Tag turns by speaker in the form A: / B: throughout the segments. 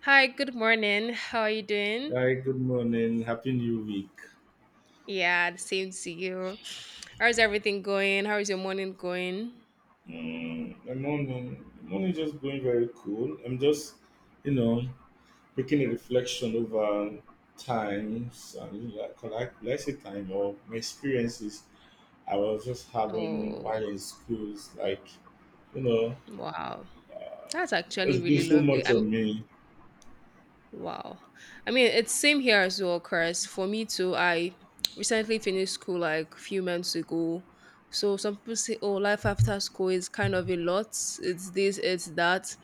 A: Hi, good morning. How are you doing?
B: Hi, good morning. Happy New Week.
A: Yeah, the same to you. How's everything going? How is your morning going?
B: My morning is just going very cool. I'm you know, making a reflection over times and like, could say time or my experiences I was just having
A: Oh,
B: while in schools. Like, you know,
A: wow. That's actually
B: it's
A: really
B: has so
A: lovely.
B: much
A: I'm
B: on me.
A: wow. I mean, it's same here as well, Chris. For me too, I recently finished school like few months ago. So some people say, oh, life after school is kind of a lot. It's this, it's that.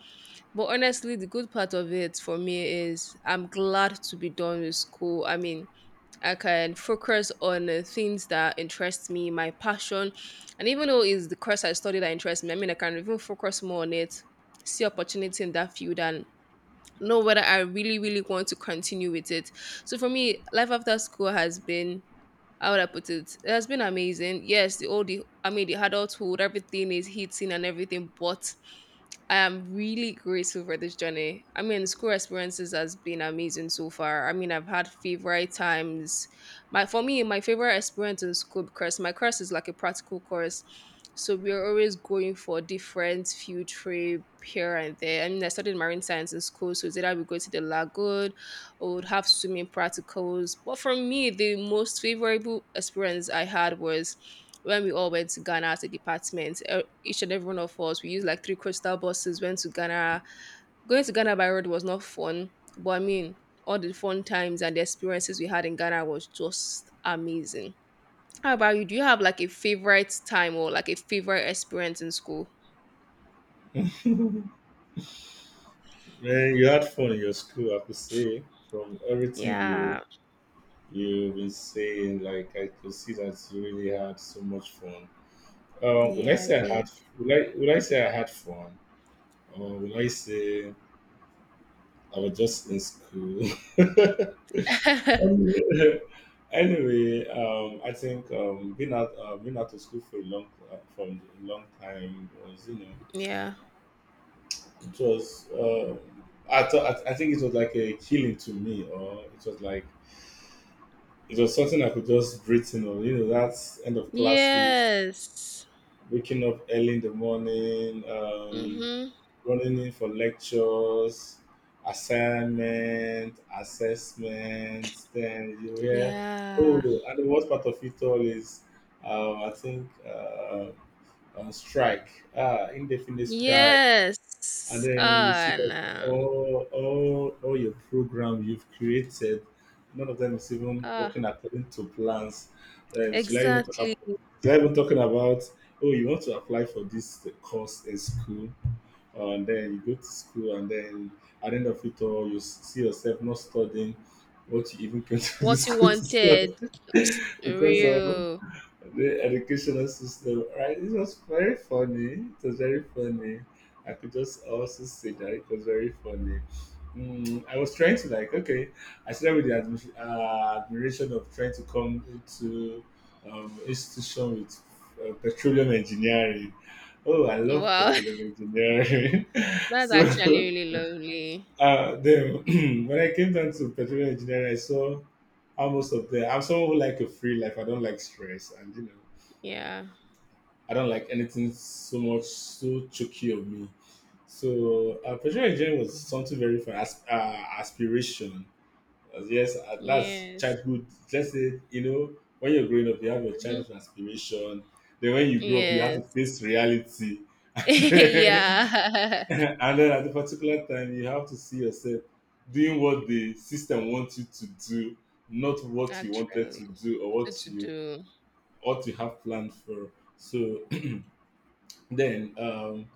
A: But honestly, the good part of it for me is I'm glad to be done with school. I mean, I can focus on things that interest me, my passion. And even though it's the course I study that interests me, I mean, I can even focus more on it, see opportunity in that field, and know whether I really, really want to continue with it. So for me, life after school has been how would I put it? It has been amazing. Yes, the I mean the adulthood, everything is hitting and everything, but I am really grateful for this journey. I mean, school experiences has been amazing so far. I mean, I've had favorite times. My for me, my favorite experience in school because my course is like a practical course. So we're always going for different field trip here and there. I mean, I studied marine science in school, so it's either we go to the lagoon or would have swimming practicals. But for me, the most favorable experience I had was when we all went to Ghana as a department. Each and every one of us, we used like three coastal buses, went to Ghana. Going to Ghana by road was not fun, but I mean, all the fun times and the experiences we had in Ghana was just amazing. How about you? Do you have like a favorite time or like a favorite experience in school?
B: Man, you had fun in your school, I could say, from everything you
A: Yeah,
B: you've been saying. Like, I could see that you really had so much fun. Will I
A: yeah, I
B: say I
A: did.
B: had? Will I say I had fun, or will I say I was just in school? anyway, anyway, I think being out of school for a long, from a long time was, you know,
A: Yeah.
B: it was. I thought, I think it was like a healing to me, or it was like it was something I could just breathe in. Or you know, that's end of classes,
A: Yes.
B: waking up early in the morning.
A: Mm-hmm.
B: Running in for lectures, assignment, assessments. Then you hear,
A: Yeah.
B: oh, and the worst part of it all is, I think strike, ah, indefinite strike, and
A: Yes.
B: then you see
A: Ah,
B: that
A: no.
B: all your program you've created, none of them is even
A: Ah,
B: working according to plans. Then should I even talk
A: exactly
B: about? Should I even talking about? Oh, you want to apply for this course in school, and then you go to school, and then at the end of it all, you see yourself not studying what you even came to the
A: what you
B: school to study
A: wanted.
B: because of
A: Real.
B: the educational system, right? It was very funny. It was very funny. I could just also say that it was very funny. I was trying to like, okay, I started with the admiration of trying to come into institution with petroleum engineering. Oh, I love
A: Wow.
B: petroleum engineering.
A: That's actually
B: so
A: really lovely.
B: uh, then when I came down to petroleum engineering, I saw how most of the I'm someone who like a free life. I don't like stress, and you know.
A: Yeah.
B: I don't like anything so much so choky of me. So professional engineering was something very fun. As, aspiration, yes, that's
A: Yes.
B: childhood. Let's say you know when you're growing up, you have your childhood
A: Hmm.
B: aspiration. Then when you grow up, you have to
A: Yes.
B: face reality. And
A: Yeah.
B: then at the particular time, you have to see yourself doing what the system wants you to do, not what you wanted to
A: Actually,
B: do or
A: so
B: what
A: to
B: you
A: do.
B: ought to have planned for. So then, um,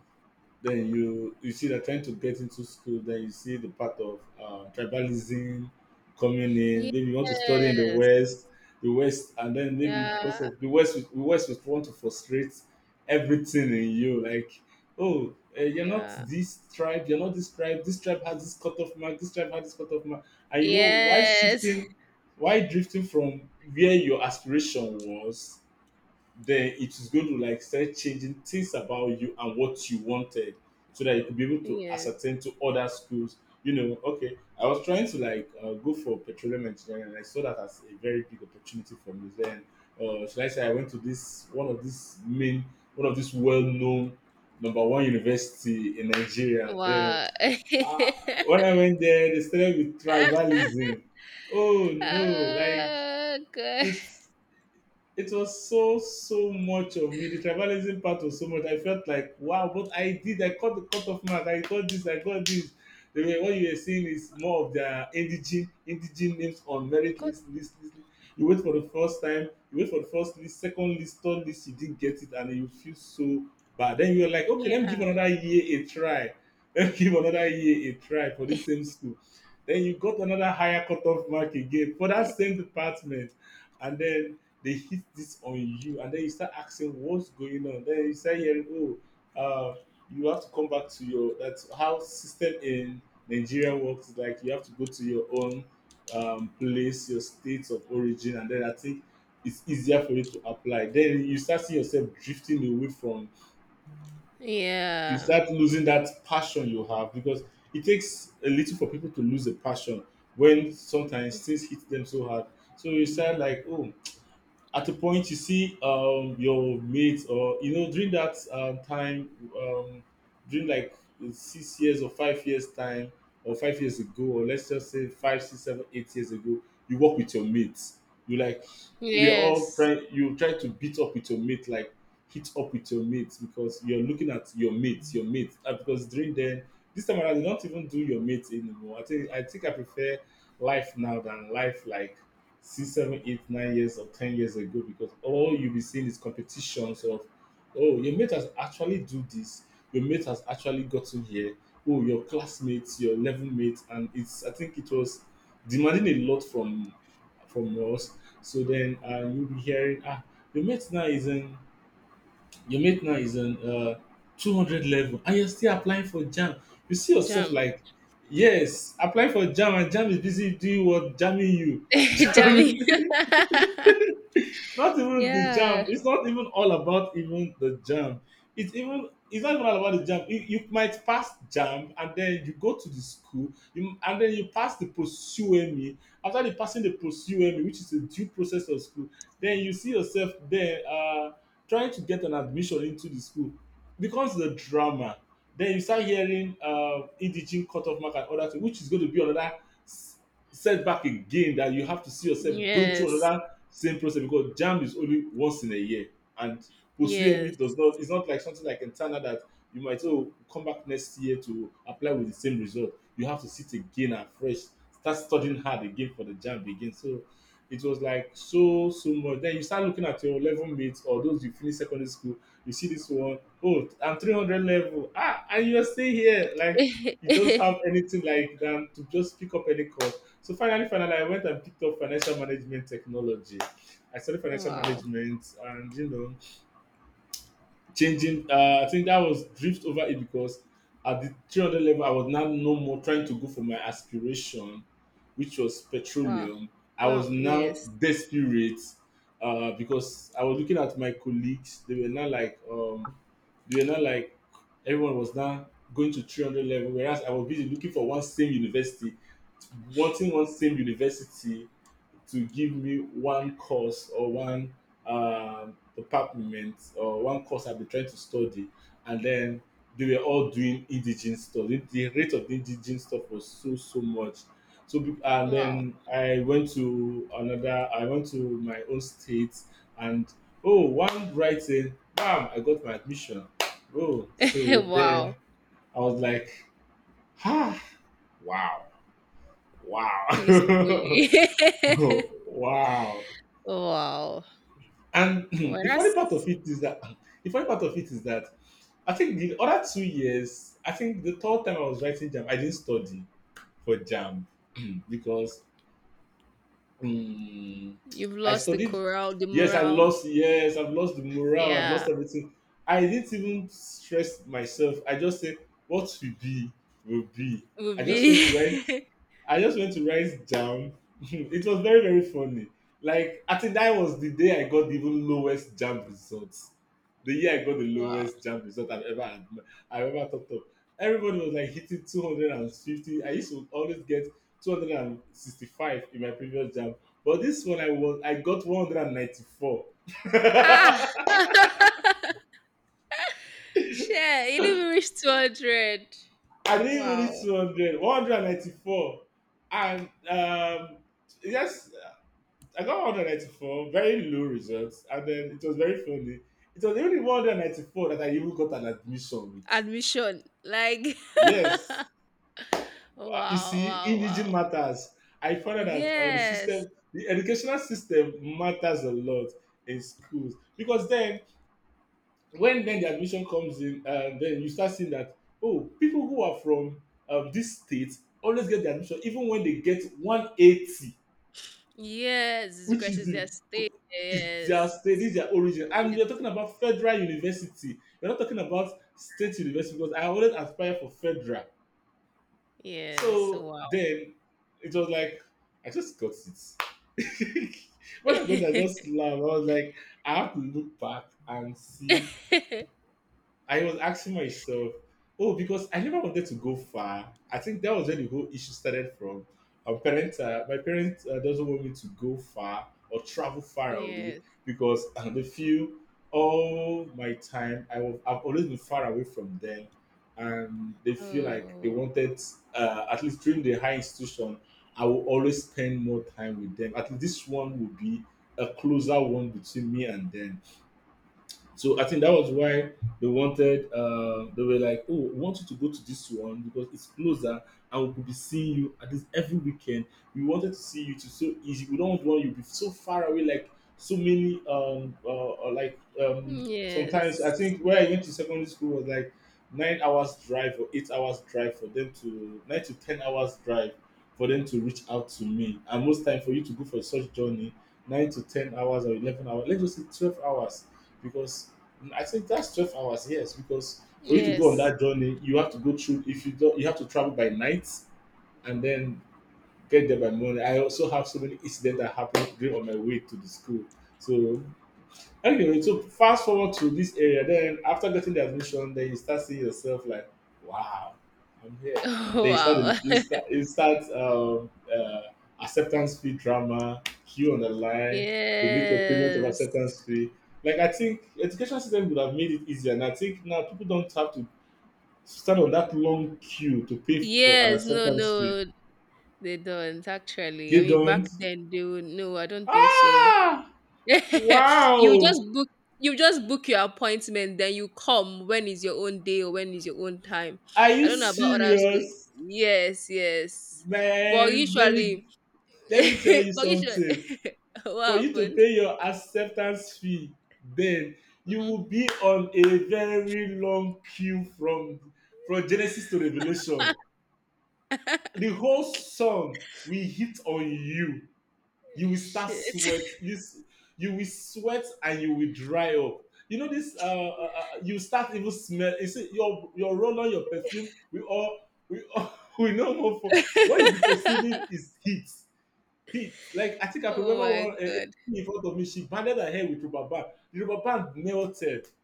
B: then you see they're trying to get into school, then you see the part of tribalism coming in. Maybe you want to study in the
A: Yes.
B: west, the west, and then maybe because
A: Yeah.
B: of the the west would want to frustrate everything in you, like oh, you're not
A: Yeah.
B: this tribe, you're not this tribe, this tribe has this cutoff mark, this tribe has this cutoff mark, and you know why
A: Yes.
B: shifting, why drifting from where your aspiration was. Then it is going to like start changing things about you and what you wanted, so that you could be able to
A: Yes.
B: ascertain to other schools. You know, okay, I was trying to like go for petroleum engineering, and I saw that as a very big opportunity for me. Then should I say I went to this, one of these well-known number one university in Nigeria. Then
A: Wow.
B: uh, when I went there, they started with tribalism. Oh no, like
A: Oh, good.
B: it's, it was so so much of me. The tribalism part was so much. I felt like wow, but I did. I caught the cut off mark. I got this. I got this. They were, what you were seeing is more of their indigene names on merit
A: God.
B: list. You wait for the first time. You wait for the first list, second list, third list. You didn't get it, and you feel so bad. Then you're like, okay, let me give
A: Yeah.
B: another year a try. Let me give another year a try for this same school. Then you got another higher cut off mark again for that same department, and then they hit this on you, and then you start asking what's going on. Then you start hearing oh, uh you have to come back to your, that's how system in Nigeria works. Like you have to go to your own place, your state of origin, and then I think it's easier for you to apply. Then you start seeing yourself drifting away from, you
A: Yeah.
B: start losing that passion you have, because it takes a little for people to lose a passion when sometimes things hit them so hard. So you start like oh, at a point you see your mates, or you know, during that time, um during like 6 years or 5 years time, or 5 years ago, or let's just say 5 6 7 8 years ago, you work with your mates. You like, we're all
A: Yes.
B: trying, you try to beat up with your mate, like hit up with your mates, because you're looking at your mates, because during then, this time around, you don't even do your mates anymore. I think I prefer life now than life like six, seven, eight, 9 years or 10 years ago, because all you'll be seeing is competitions of oh, your mate has actually do this, your mate has actually gotten here, oh your classmates, your level mates, and it's, I think it was demanding a lot from us. So then you'll be hearing ah, your mate now is in your mate now is in 200 level, and you're still applying for jam. You see yourself
A: Jump.
B: like, yes, apply for jam, and jam is busy doing what, jamming you.
A: Javi.
B: Jamming, not even the jam.
A: Yeah.
B: It's not even all about even the jam. It's even, it's not even all about the jam. You might pass jam and then you go to the school, and then you pass the pursuemi. After the passing the pursuemi, which is the due process of school, then you see yourself there trying to get an admission into the school. Becomes the drama. Then you start hearing EDG cutoff mark and other things, which is going to be another s- setback again, that you have to see yourself going through
A: Yes.
B: another same process, because jam is only once in a year, and pursuing does
A: Yes.
B: not, it's not like something like internal that you might say, oh come back next year to apply with the same result. You have to sit again, and fresh start studying hard again for the jam again. So it was like so so much. Then you start looking at your level mates or those you finish secondary school, you see this one oh I'm 300 level, ah, and you're still here like, you don't have anything like than to just pick up any course. So finally, I went and picked up financial management technology. I studied financial
A: Wow.
B: management, and you know, changing. I think that was drift over it, because at the 300 level, I was now no more trying to go for my aspiration, which was
A: Wow.
B: petroleum. I was
A: No,
B: now
A: yes.
B: desperate, because I was looking at my colleagues. They were not like they were not like everyone was now going to 300 level, whereas I was busy looking for one same university, wanting one same university to give me one course or one department or one course I've been trying to study, and then they were all doing indigenous stuff. The rate of indigenous stuff was so so much. So and
A: Wow.
B: then I went to another. I went to my own state, and oh, one writing, bam! I got my admission. Oh, so
A: Wow.
B: then I was like, ah, wow, wow,
A: Peacefully.
B: wow.
A: Wow.
B: And
A: Well,
B: the funny part
A: that's
B: of it is that the funny part of it is that I think the other 2 years, I think the third time I was writing jam, I didn't study for jam because um,
A: you've
B: I
A: lost the
B: studied.
A: corral, the
B: Yes, I
A: morale.
B: lost. Yes, I've lost the morale. I've lost
A: Yeah.
B: everything. I didn't even stress myself. I just said, "What will be, will be." I
A: Would
B: just went to
A: be.
B: write I just went to write jam. It was very, very funny. Like, I think that was the day I got the even lowest jam results. The year I got the
A: Wow.
B: lowest jam result I've ever had, I've ever thought of. Everybody was like hitting 250. I used to always get 265 in my previous jam. But this one I got 194.
A: Ah. Shit, you didn't even reach 200.
B: I didn't even
A: Wow.
B: reach 200, 194. And yes, I got 194, very low results, and then it was very funny. It was only 194 that I even got an admission with.
A: Admission. Like,
B: Yes.
A: wow,
B: You see,
A: wow,
B: indigenous
A: wow.
B: matters. I found out that the
A: Yes,
B: system, the educational system, matters a lot in schools because then, when then the admission comes in, and then you start seeing that oh, people who are from this state always get the admission even when they get 180.
A: yes. This
B: Which is
A: question is their
B: the
A: state.
B: is their
A: Yes,
B: state, is their origin, and we are
A: it's,
B: talking about federal university, we are not talking about state university, because I always aspire for federal.
A: yes.
B: So
A: Wow.
B: then it was like I just got it. When I got it, I just laugh. I was like, I have to look back and see. I was asking myself, oh, because I never wanted to go far. I think that was where the whole issue started from. Our parents, my parents doesn't want me to go far or travel far away
A: Yes.
B: because they feel all my time I've always been far away from them, and they feel like they
A: Oh,
B: wanted at least during the high institution I will always spend more time with them. At least this one will be a closer one between me and them, so I think that was why they wanted. They were like, "Oh, we want you to go to this one because it's closer, and we could be seeing you at this every weekend. We wanted to see you to so easy. We don't want you to be so far away, like so many. Like sometimes I
A: yes,
B: think where I went to secondary school was like 9 hours drive or 8 hours drive for them to 9 to 10 hours drive for them to reach out to me. And most time for you to go for such journey, 9 to 10 hours or 11 hours, let's just say 12 hours because I think that's 12 hours. Yes, because for you to go on
A: yes.
B: that journey, you have to go through. If you don't, you have to travel by night and then get there by morning. I also have so many incidents that happened during on my way to the school. So, okay, so fast forward to this area. Then after getting the admission, then you start seeing yourself like, wow, I'm here.
A: Oh,
B: Then you start
A: wow.
B: you start you start acceptance fee drama, queue on the line to make your payment of
A: Yes.
B: acceptance fee. Like I think education system would have made it easier, and I think now people don't have to stand on that long queue to pay for an
A: Yes. No,
B: acceptance fee.
A: no, they don't actually.
B: They
A: I mean, back
B: don't.
A: then, they would, no, I don't think so.
B: Ah,
A: you just
B: wow.
A: book you just book your appointment, then you come when is your own day or when is your own time.
B: Are you
A: I don't know about other school.
B: serious?
A: Yes, yes. But
B: Man, let me
A: usually
B: let me tell you
A: but usually
B: something.
A: what
B: For you to
A: happened?
B: pay your acceptance fee then, you
A: Hmm.
B: will be on a very long queue from Genesis to Revelation. The whole song will hit on you. You will start
A: Shit.
B: sweat. You will sweat and you will dry up. You know this. You start even smell. You see your roll on your perfume. We all we no more for what you be perceiving is heat hit. Like I think I could
A: Oh
B: remember
A: my
B: one
A: god.
B: in front of me. She banded her hair with rubber band. The rubber band melted.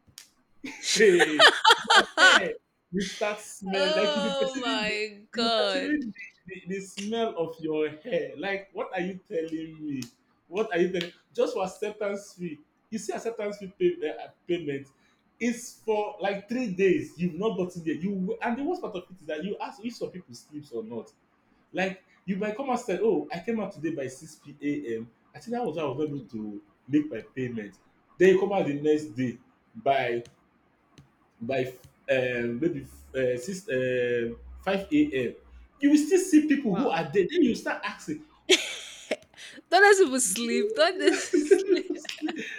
B: Hey, your hair will start smell like
A: Oh my
B: you'll be
A: god.
B: perceiving the smell of your hair. Like what are you telling me? What are you telling? Just for acceptance fee. You see acceptance fee payment. It's for like 3 days. You've not gotten there. You and the worst part of it is that you ask if some people sleeps or not. Like you might come and say, "Oh, I came out today by six p- m. I think that was why I was not able to make my payment." Then you come out the next day by by maybe six five a.m. You will still see people who
A: Wow.
B: are there. Then you start asking.
A: Don't let people sleep. Don't let people sleep.
B: And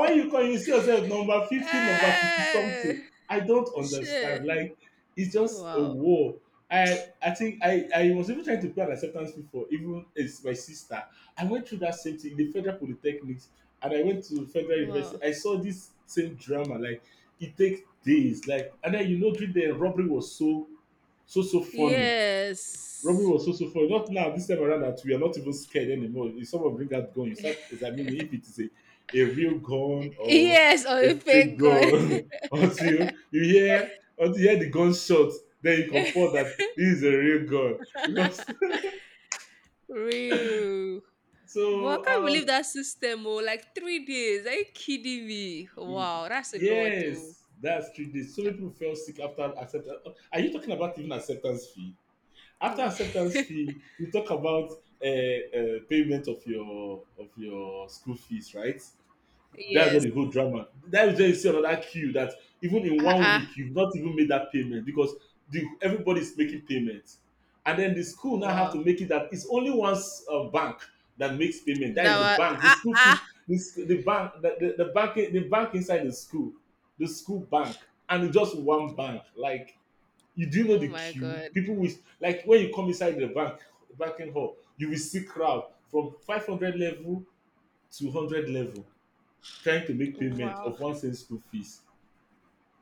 B: when you come, you see yourself number 50, number 60 something.
A: Eh,
B: I don't
A: shit.
B: understand. Like, it's just a
A: Wow.
B: war. I think I was even trying to pay an acceptance fee for even it's my sister. I went through that same thing, the federal polytechnics, and I went to federal
A: Wow.
B: university, I saw this same drama. Like, it takes days, like, and then you know, during the robbery was so so so funny. Robin
A: Yes.
B: was so so funny. Not now, this time around that we are not even scared anymore. If someone bring that gun, you start examining if it is a real gun or
A: Yes, or
B: a
A: a
B: fake
A: fake god.
B: gun. Until you hear the gunshot, then you compare that this is a real gun. Because
A: Real. Well, I
B: so
A: can't believe that system, oh, like 3 days. Are you kidding me?
B: y-
A: Wow, that's a lot, oh.
B: yes, that's 3 days. So
A: Yeah.
B: many people fell sick after acceptance. Are you talking about even acceptance fee? After acceptance fee, you talk about payment of your school fees, right? That's what
A: Yes.
B: the whole drama. That is where you see another queue that even in
A: Ah,
B: one
A: ah.
B: week, you've not even made that payment because the everybody's making payments, and then the school now have
A: Wow.
B: to make it that it's only one bank that makes payment. That
A: That
B: is the
A: was,
B: bank. The
A: ah,
B: school fees.
A: ah.
B: The bank. The bank. The bank inside the school. The school bank, and it's just one bank. Like you do know
A: Oh
B: the
A: my
B: queue.
A: God.
B: People will, like when you come inside the banking hall, you will see crowd from 500 level to 100 level trying to make payment
A: Wow.
B: of 1 cent school fees.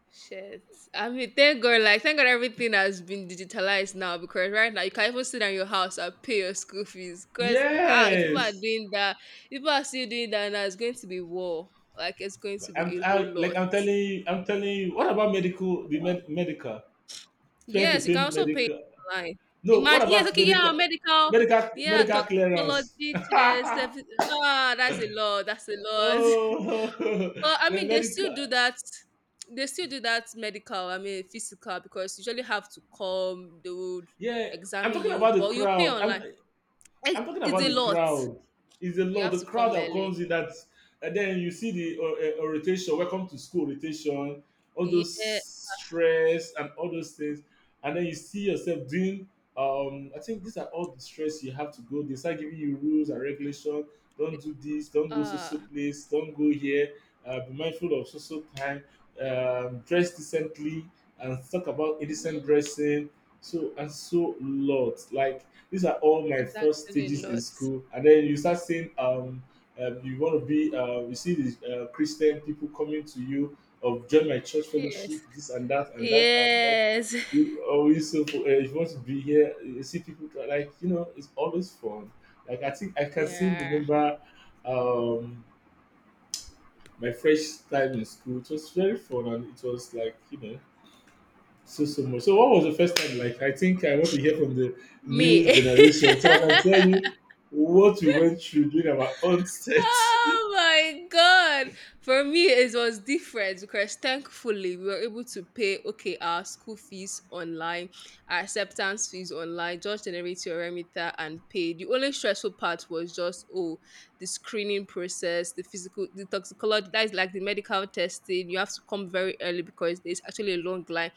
A: Shit. I mean, thank God, like, thank God everything has been digitalized now because right now you can even sit down in your house and pay your school fees. Because, ah, if people are
B: Yes,
A: doing that, if people are still doing that now, it's going to be war. Like, it's going to be a whole
B: like
A: lot.
B: I'm telling you, I'm telling you. What about medical?
A: Wow.
B: Medical, trying to
A: Yes, you can
B: pay
A: also pay
B: medical.
A: online.
B: No, what
A: Imagine, yes,
B: about
A: okay, yeah,
B: medical?
A: medical,
B: Medical
A: yeah,
B: medical clearance.
A: toxicology test, service. Ah, that's a lot. That's a lot.
B: Oh,
A: But I
B: the
A: mean, they still
B: medical.
A: do that. They still do that medical. I mean, physical because you usually have to come. They would
B: Yeah, I'm
A: examine
B: talking
A: you,
B: about the
A: but you pay
B: crowd. I'm
A: online. Eh,
B: I'm talking
A: it's
B: about
A: a
B: the
A: lot.
B: crowd. It's a
A: You
B: lot.
A: have
B: The
A: to
B: crowd
A: come
B: that comes
A: early.
B: in that, and then you see the orientation, welcome to school orientation, all those
A: Yeah.
B: stress and all those things, and then you see yourself doing. I think these are all the stress you have to go. They start giving you rules and regulation. Don't do this. Don't go so
A: Uh,
B: so place. Don't go here. Be mindful of so so time. Dress decently and talk about indecent
A: mhm.
B: dressing. So and so lot, like these are all my
A: It's
B: first
A: actually a
B: stages in
A: lot.
B: school. And then you start seeing you want to be you see these Christian people coming to you of join my church fellowship,
A: Yes.
B: this and that and that and like
A: Yes.
B: you always so if you want to be here, you see like you know it's always fun. Like I think I can still
A: Yeah.
B: remember um my fresh time in school. It was very fun and it was like you know so so much. So what was the first time like? I think I want to hear from the
A: Me.
B: new generation so that I can tell you what we went through during our own set.
A: Oh my god! For me, it was different because thankfully we were able to pay okay our school fees online, our acceptance fees online, just generate your remitter and pay. The only stressful part was just oh the screening process, the physical, the toxicology that is like the medical testing. You have to come very early because there's actually a long line.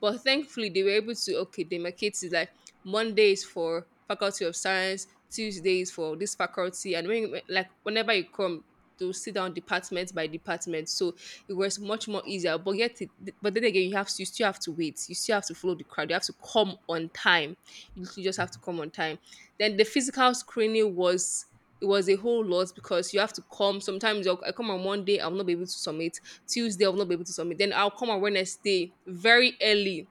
A: But thankfully they were able to okay demarcate it like Monday is for faculty of science, Tuesdays for this faculty, and when like whenever you come, to sit down department by department. So it was much more easier. But yet, but then again, you still have to wait. You still have to follow the crowd. You have to come on time. You literally just have to come on time. Then the physical screening was it was a whole lot because you have to come. Sometimes I come on one day, I'll not be able to submit. Tuesday, I'll not be able to submit. Then I'll come on Wednesday very early,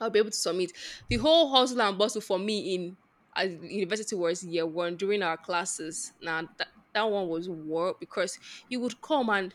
A: I'll be able to submit. The whole hustle and bustle for me in at university was year one during our classes. Now that that one was work because you would come and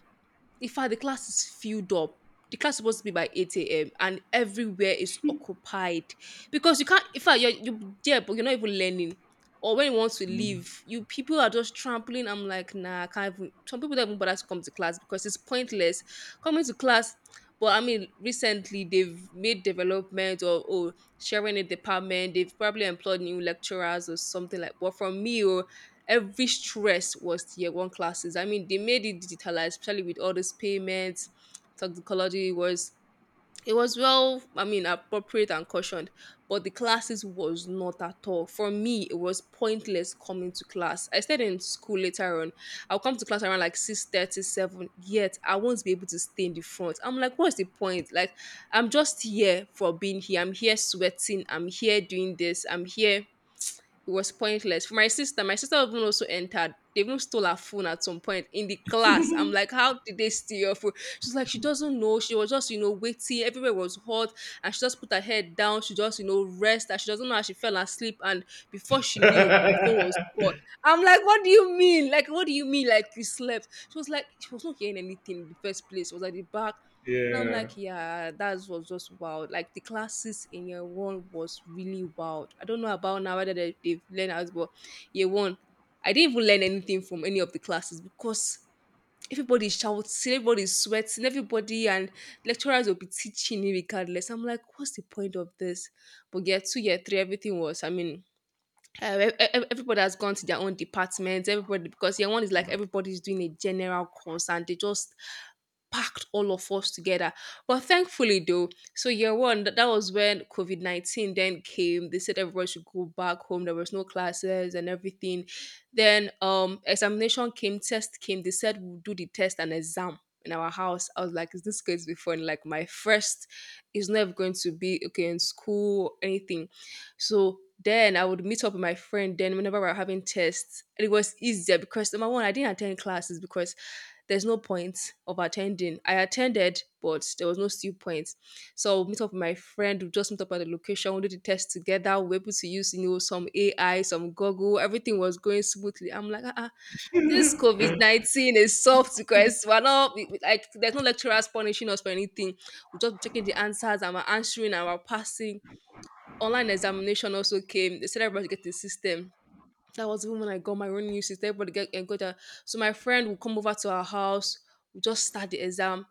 A: in fact, the class is filled up. The class is supposed to be by 8 a.m. and everywhere is occupied because you can't. In fact, you're there, but you're not even learning. Or when you want to
B: Mm.
A: leave, you people are just trampling. I'm like, nah, I can't even. Some people don't even bother to come to class because it's pointless coming to class. But I mean, recently they've made development or sharing a department. They've probably employed new lecturers or something like. But from me, oh, every stress was tier one classes. I mean, they made it digitalized, especially with all these payments, toxicology was it was well, I mean, appropriate and cautioned, but the classes was not at all. For me, it was pointless coming to class. I stayed in school later on. I'll come to class around like 6:37, yet I won't be able to stay in the front. I'm like, what's the point? Like, I'm just here for being here. I'm here sweating. I'm here doing this. I'm here it was pointless. For my sister even also entered. They even stole her phone at some point in the class. I'm like, how did they steal your phone? She's like, she doesn't know. She was just, you know, waiting. Everywhere was hot. And she just put her head down. She just, you know, rest. And she doesn't know how she fell asleep. And before she knew, her phone was gone. I'm like, what do you mean? Like, what do you mean? Like, you slept. She was like, she was not hearing anything in the first place. She was at the back. And I'm
B: Yeah.
A: like, yeah, that was just wild. Like the classes in year one was really wild. I don't know about now whether they've learned as well. Year one, I didn't even learn anything from any of the classes because everybody shouts, everybody sweats, and everybody, and lecturers will be teaching you regardless. I'm like, what's the point of this? But year two, year three, everything was, I mean, everybody has gone to their own departments. Everybody because year one is like everybody's doing a general course and they just packed all of us together. But thankfully, though, so year one that was when COVID COVID-19 then came. They said everybody should go back home. There was no classes and everything. Then examination came, test came. They said we'll do the test and exam. In our house, I was like, "Is this going to be fun?" Like my first is never going to be okay in school, anything so then I would meet up with my friend then whenever we're having tests. And it was easier because number one, I didn't attend classes because there's no point of attending. I attended, but there was no still point. So I'll meet up with my friend, we just meet up at the location, we do the test together, we're able to use, you know, some AI, some Google, everything was going smoothly. I'm like, ah, ah, this COVID-19 is soft because we're not we- we- like there's no lecturers punishing us for anything. We're just checking the answers and we're answering and we're passing online examination also came. They said everybody get the system. That was even when I got my own new system. Everybody get and got that. So my friend will come over to our house. We just start the exam.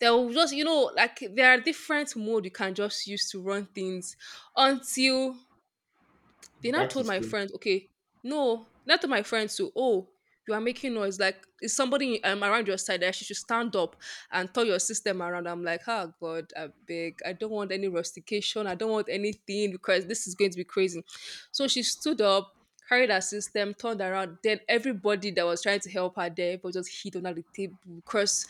A: They will just like there are different mode you can just use to run things until they now
B: Back to
A: told my
B: school.
A: friends, okay, no, not to my friends too. Oh, you are making noise. Like, is somebody around your side that she should stand up and turn your system around? I'm like, oh God, I beg. I don't want any rustication. I don't want anything because this is going to be crazy. So she stood up, carried her system, turned around. Then everybody that was trying to help her there was just hit under the table because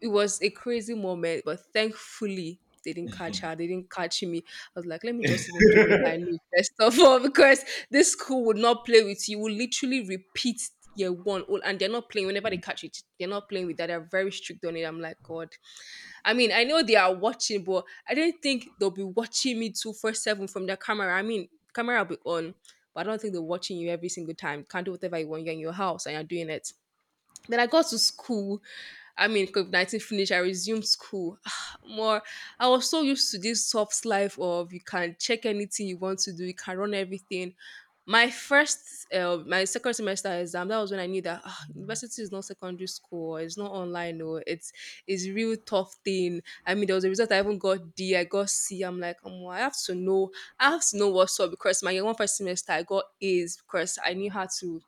A: it was a crazy moment. But thankfully, they didn't catch her. They didn't catch me. I was like, let me just even do what I know first of all, because this school would not play with you. You will literally repeat year one, all, and they're not playing. Whenever they catch it, they're not playing with that. They're very strict on it. I'm like, God. I mean, I know they are watching, but I don't think they'll be watching me 24/7 from their camera. I mean, camera will be on, but I don't think they're watching you every single time. Can't do whatever you want. You're in your house and you're doing it. Then I got to school. I mean, COVID-19 finished, I resumed school. More, I was so used to this soft life of you can check anything you want to do, you can run everything. My second semester exam, that was when I knew that university is not secondary school, or it's not online, no, it's real tough thing. I mean, there was a result I even got D, I got C. I'm like, oh, I have to know, I have to know what's up because my one first semester I got A's because I knew how to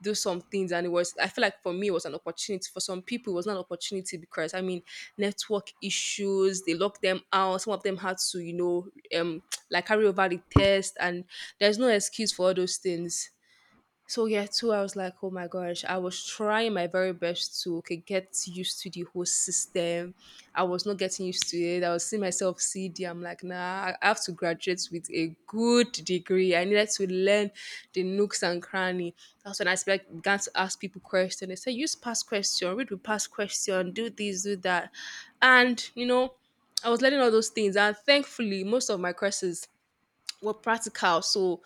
A: do some things. And it was, I feel like for me it was an opportunity. For some people it was not an opportunity because, I mean, network issues, they locked them out. Some of them had to, um like carry over the test, and there's no excuse for all those things. So yeah, too, I was like, oh my gosh, I was trying my very best to okay, get used to the whole system. I was not getting used to it. I was seeing myself CD. I'm like, nah, I have to graduate with a good degree. I needed to learn the nooks and cranny. That's when I began to ask people questions. They said, use past question, read the past question, do this, do that. And, I was learning all those things. And thankfully, most of my courses were practical. So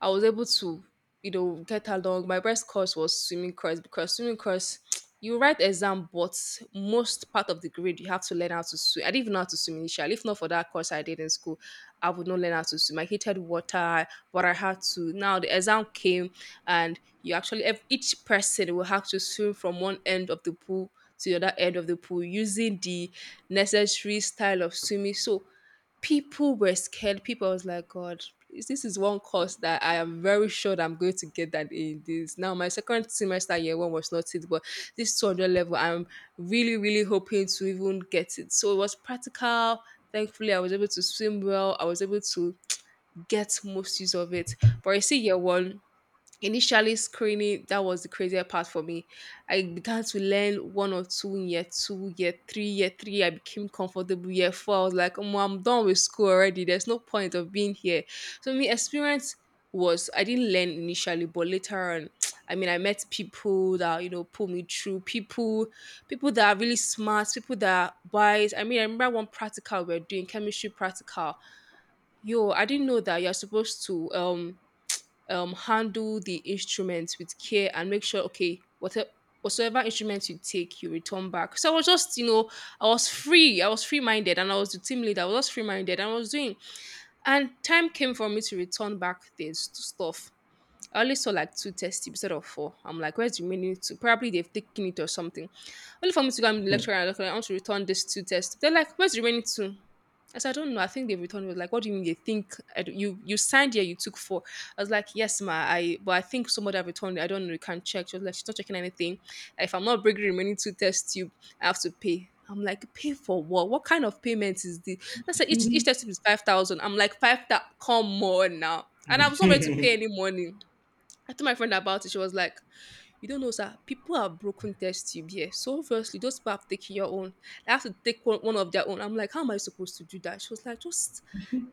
A: I was able to, get along. My best course was swimming course because swimming course, you write exam, but most part of the grade you have to learn how to swim. I didn't even know how to swim initially. If not for that course I did in school, I would not learn how to swim. I hated water, but I had to. Now the exam came, and you actually each person will have to swim from one end of the pool to the other end of the pool using the necessary style of swimming. So people were scared. People was like, God, please, this is one course that I am very sure that I'm going to get that in this. Now, my second semester year one was not it, but this 200 level, I'm really, really hoping to even get it. So it was practical. Thankfully, I was able to swim well. I was able to get most use of it. But I see year one, initially, screening that was the craziest part for me. I began to learn one or two in year two, year three. I became comfortable. Year four, I was like, "Omo, I'm done with school already. There's no point of being here." So, my experience was I didn't learn initially, but later on, I mean, I met people that pulled me through. People that are really smart, people that are wise. I mean, I remember one practical we are doing chemistry practical. Yo, I didn't know that you're supposed to handle the instruments with care and make sure, okay, whatever whatsoever instruments you take, you return back. So I was just, I was free. I was free-minded and I was the team leader. I was just free-minded and I was doing. And time came for me to return back this stuff. I only saw like two test tips out of four. I'm like, where's the remaining two? Probably they've taken it or something. Only for me to go and the lecturer and lecturer, I want to return this two test. They're like, where's the remaining two? I said, I don't know. I think they returned me. Like, what do you mean they think you signed here? You took four. I was like, yes, ma. I But I think somebody have returned it. I don't know. You can't check. She was like, she's not checking anything. If I'm not bringing the remaining two test tube, I have to pay. I'm like, pay for what? What kind of payment is this? I said, each test tube is 5,000. I'm like, 5,000. Come on now. And I was not ready to pay any money. I told my friend about it. She was like, "You don't know, sir. People have broken test tube here, so obviously those people have taken your own. They have to take one of their own." I'm like, "How am I supposed to do that?" She was like, "Just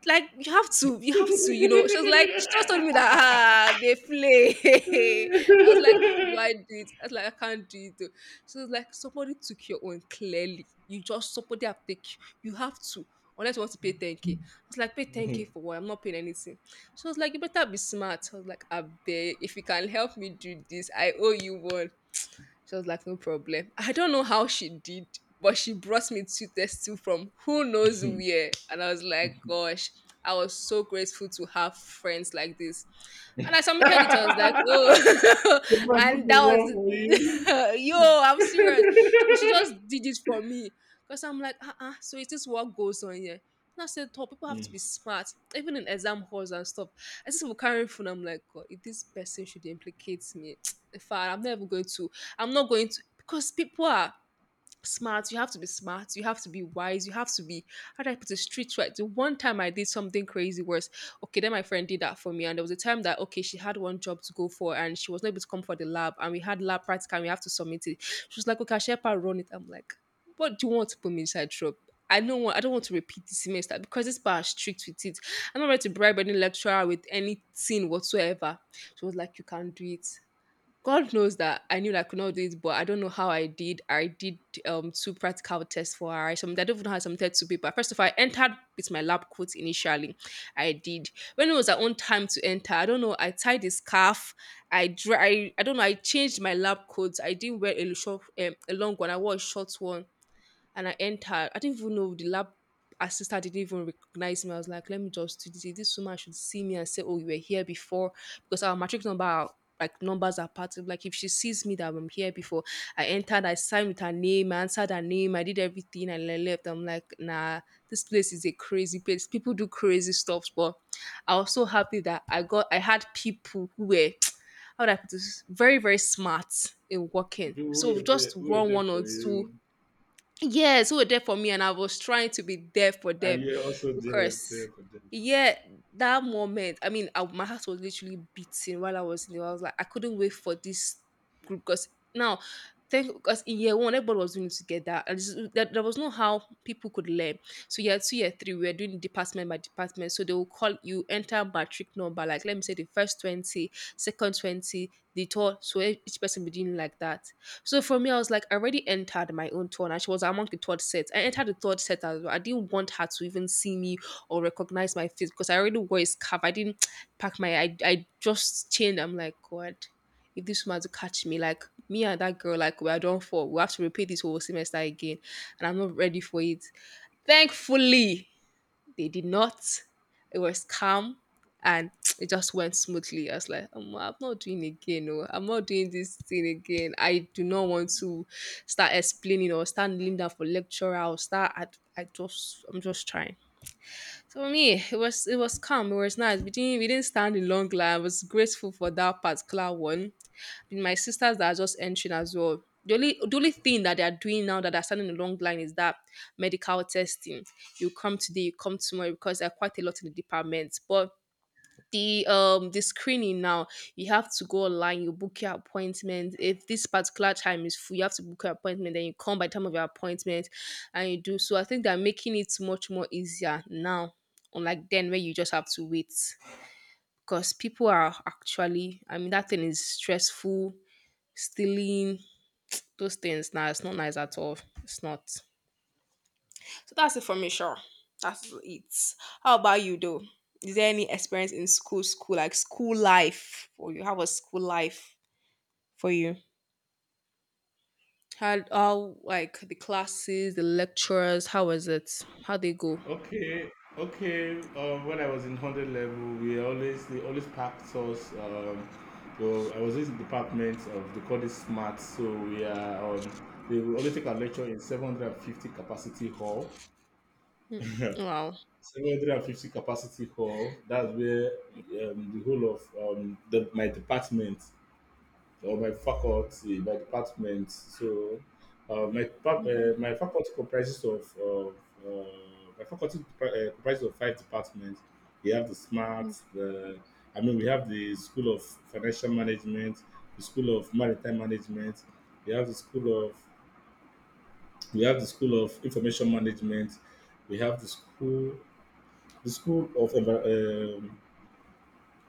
A: like you have to." She was like, "She just told me that they play." I was like, "How do I do it?" I was like, "I can't do it." Though. She was like, "Somebody took your own clearly. You just somebody have taken. You have to." Unless you want to pay 10k. k." I was like, pay 10K
B: Mhm.
A: for what? I'm not paying anything. She was like, you better be smart. I was like, I beg, if you can help me do this, I owe you one. She was like, no problem. I don't know how she did, but she brought me two tests too from who knows where. And I was like, gosh, I was so grateful to have friends like this. And I submitted it. I was like,
B: The
A: oh,
B: man took
A: and that
B: wrong for you.
A: was, yo, I'm serious. She just did it for me. Because I'm like, uh-uh, so is this what goes on here? And I said, oh, people have to
B: Mm.
A: be smart, even in exam halls and stuff. I just were carrying phone. I'm like, God, if this person should implicate me, fine, I'm not going to because people are smart. You have to be smart. You have to be wise. You have to be how do I put it street right? The one time I did something crazy worse. Okay, then my friend did that for me. And there was a time that okay, she had one job to go for and she was not able to come for the lab and we had lab practical and we have to submit it. She was like, okay, Shepa run it. I'm like, what do you want to put me inside trouble? I don't want to repeat this semester because this bar is strict with it. I'm not ready to bribe any lecturer with anything whatsoever. She was like, you can't do it. God knows that I knew that I could not do it, but I don't know how I did. I did two practical tests for her. I don't even know how I submitted two paper. First of all, I entered with my lab coat initially. I did. When it was her own time to enter, I don't know, I tied the scarf. I don't know, I changed my lab coat. I didn't wear a short, a long one. I wore a short one and I entered. I didn't even know the lab assistant didn't even recognize me. I was like, let me just do this. This woman should see me and say, oh, you were here before because our matric number like numbers are part of like if she sees me that I'm here before I entered, I signed with her name, I answered her name, I did everything and I left. I'm like, nah, this place is a crazy place. People do crazy stuff, but I was so happy that I had people who were how would I put this? Very, very smart in working.
B: People
A: So we just
B: who were
A: run
B: there
A: one
B: for
A: or two.
B: you,
A: Yes, who were there for me, and I was trying to be there for
B: and
A: them
B: you're also there,
A: because,
B: there for them.
A: yeah, that moment. My heart was literally beating while I was in there. I was like, I couldn't wait for this group because now, thank because in year one everybody was doing it together, and there was no how people could learn. So year two, year three, we were doing department by department. So they will call you enter matric number, like let me say the first 20, second 20, the third. So each person be doing like that. So for me, I was like, I already entered my own turn, and she was among the third set. I entered the third set as well. I didn't want her to even see me or recognize my face because I already wore a scarf. I didn't pack my. I just changed. I'm like, God, if this woman to catch me, like me and that girl, like we are done for. We have to repeat this whole semester again, and I'm not ready for it. Thankfully, they did not. It was calm and it just went smoothly. I was like, I'm not doing again. No, I'm not doing this thing again. I do not want to start explaining or start kneeling down for lecturer or start. I'm just trying. So for me, it was calm. It was nice. We didn't stand in long line. I was grateful for that particular one. And my sisters that are just entering as well. The only thing that they are doing now that are standing in long line is that medical testing. You come today, you come tomorrow because there are quite a lot in the department. But the screening now, you have to go online, you book your appointment. If this particular time is full, you have to book your appointment, then you come by the time of your appointment and you do. So I think they're making it much more easier now, unlike then where you just have to wait because people are actually, I mean, that thing is stressful. Stealing, those things now, it's not nice at all. It's not. So that's it for me, sure. That's it. How about you though? Is there any experience in school, school like school life, or you have a school life for you? How like the classes, the lecturers? How was it? How they go?
B: Okay, okay. When I was in 100 level, we always they always packed us. So I was in the department of the call it smart. So we are on. They will always take a lecture in 750 capacity hall. Yeah.
A: Wow.
B: 750 capacity hall. That's where the whole of my department, or my faculty, my department. So my faculty comprises of uh, my faculty depar- comprises of five departments. We have the smart, the I mean, we have the School of Financial Management, the School of Maritime Management, we have the School of we have the School of Information Management, we have the School of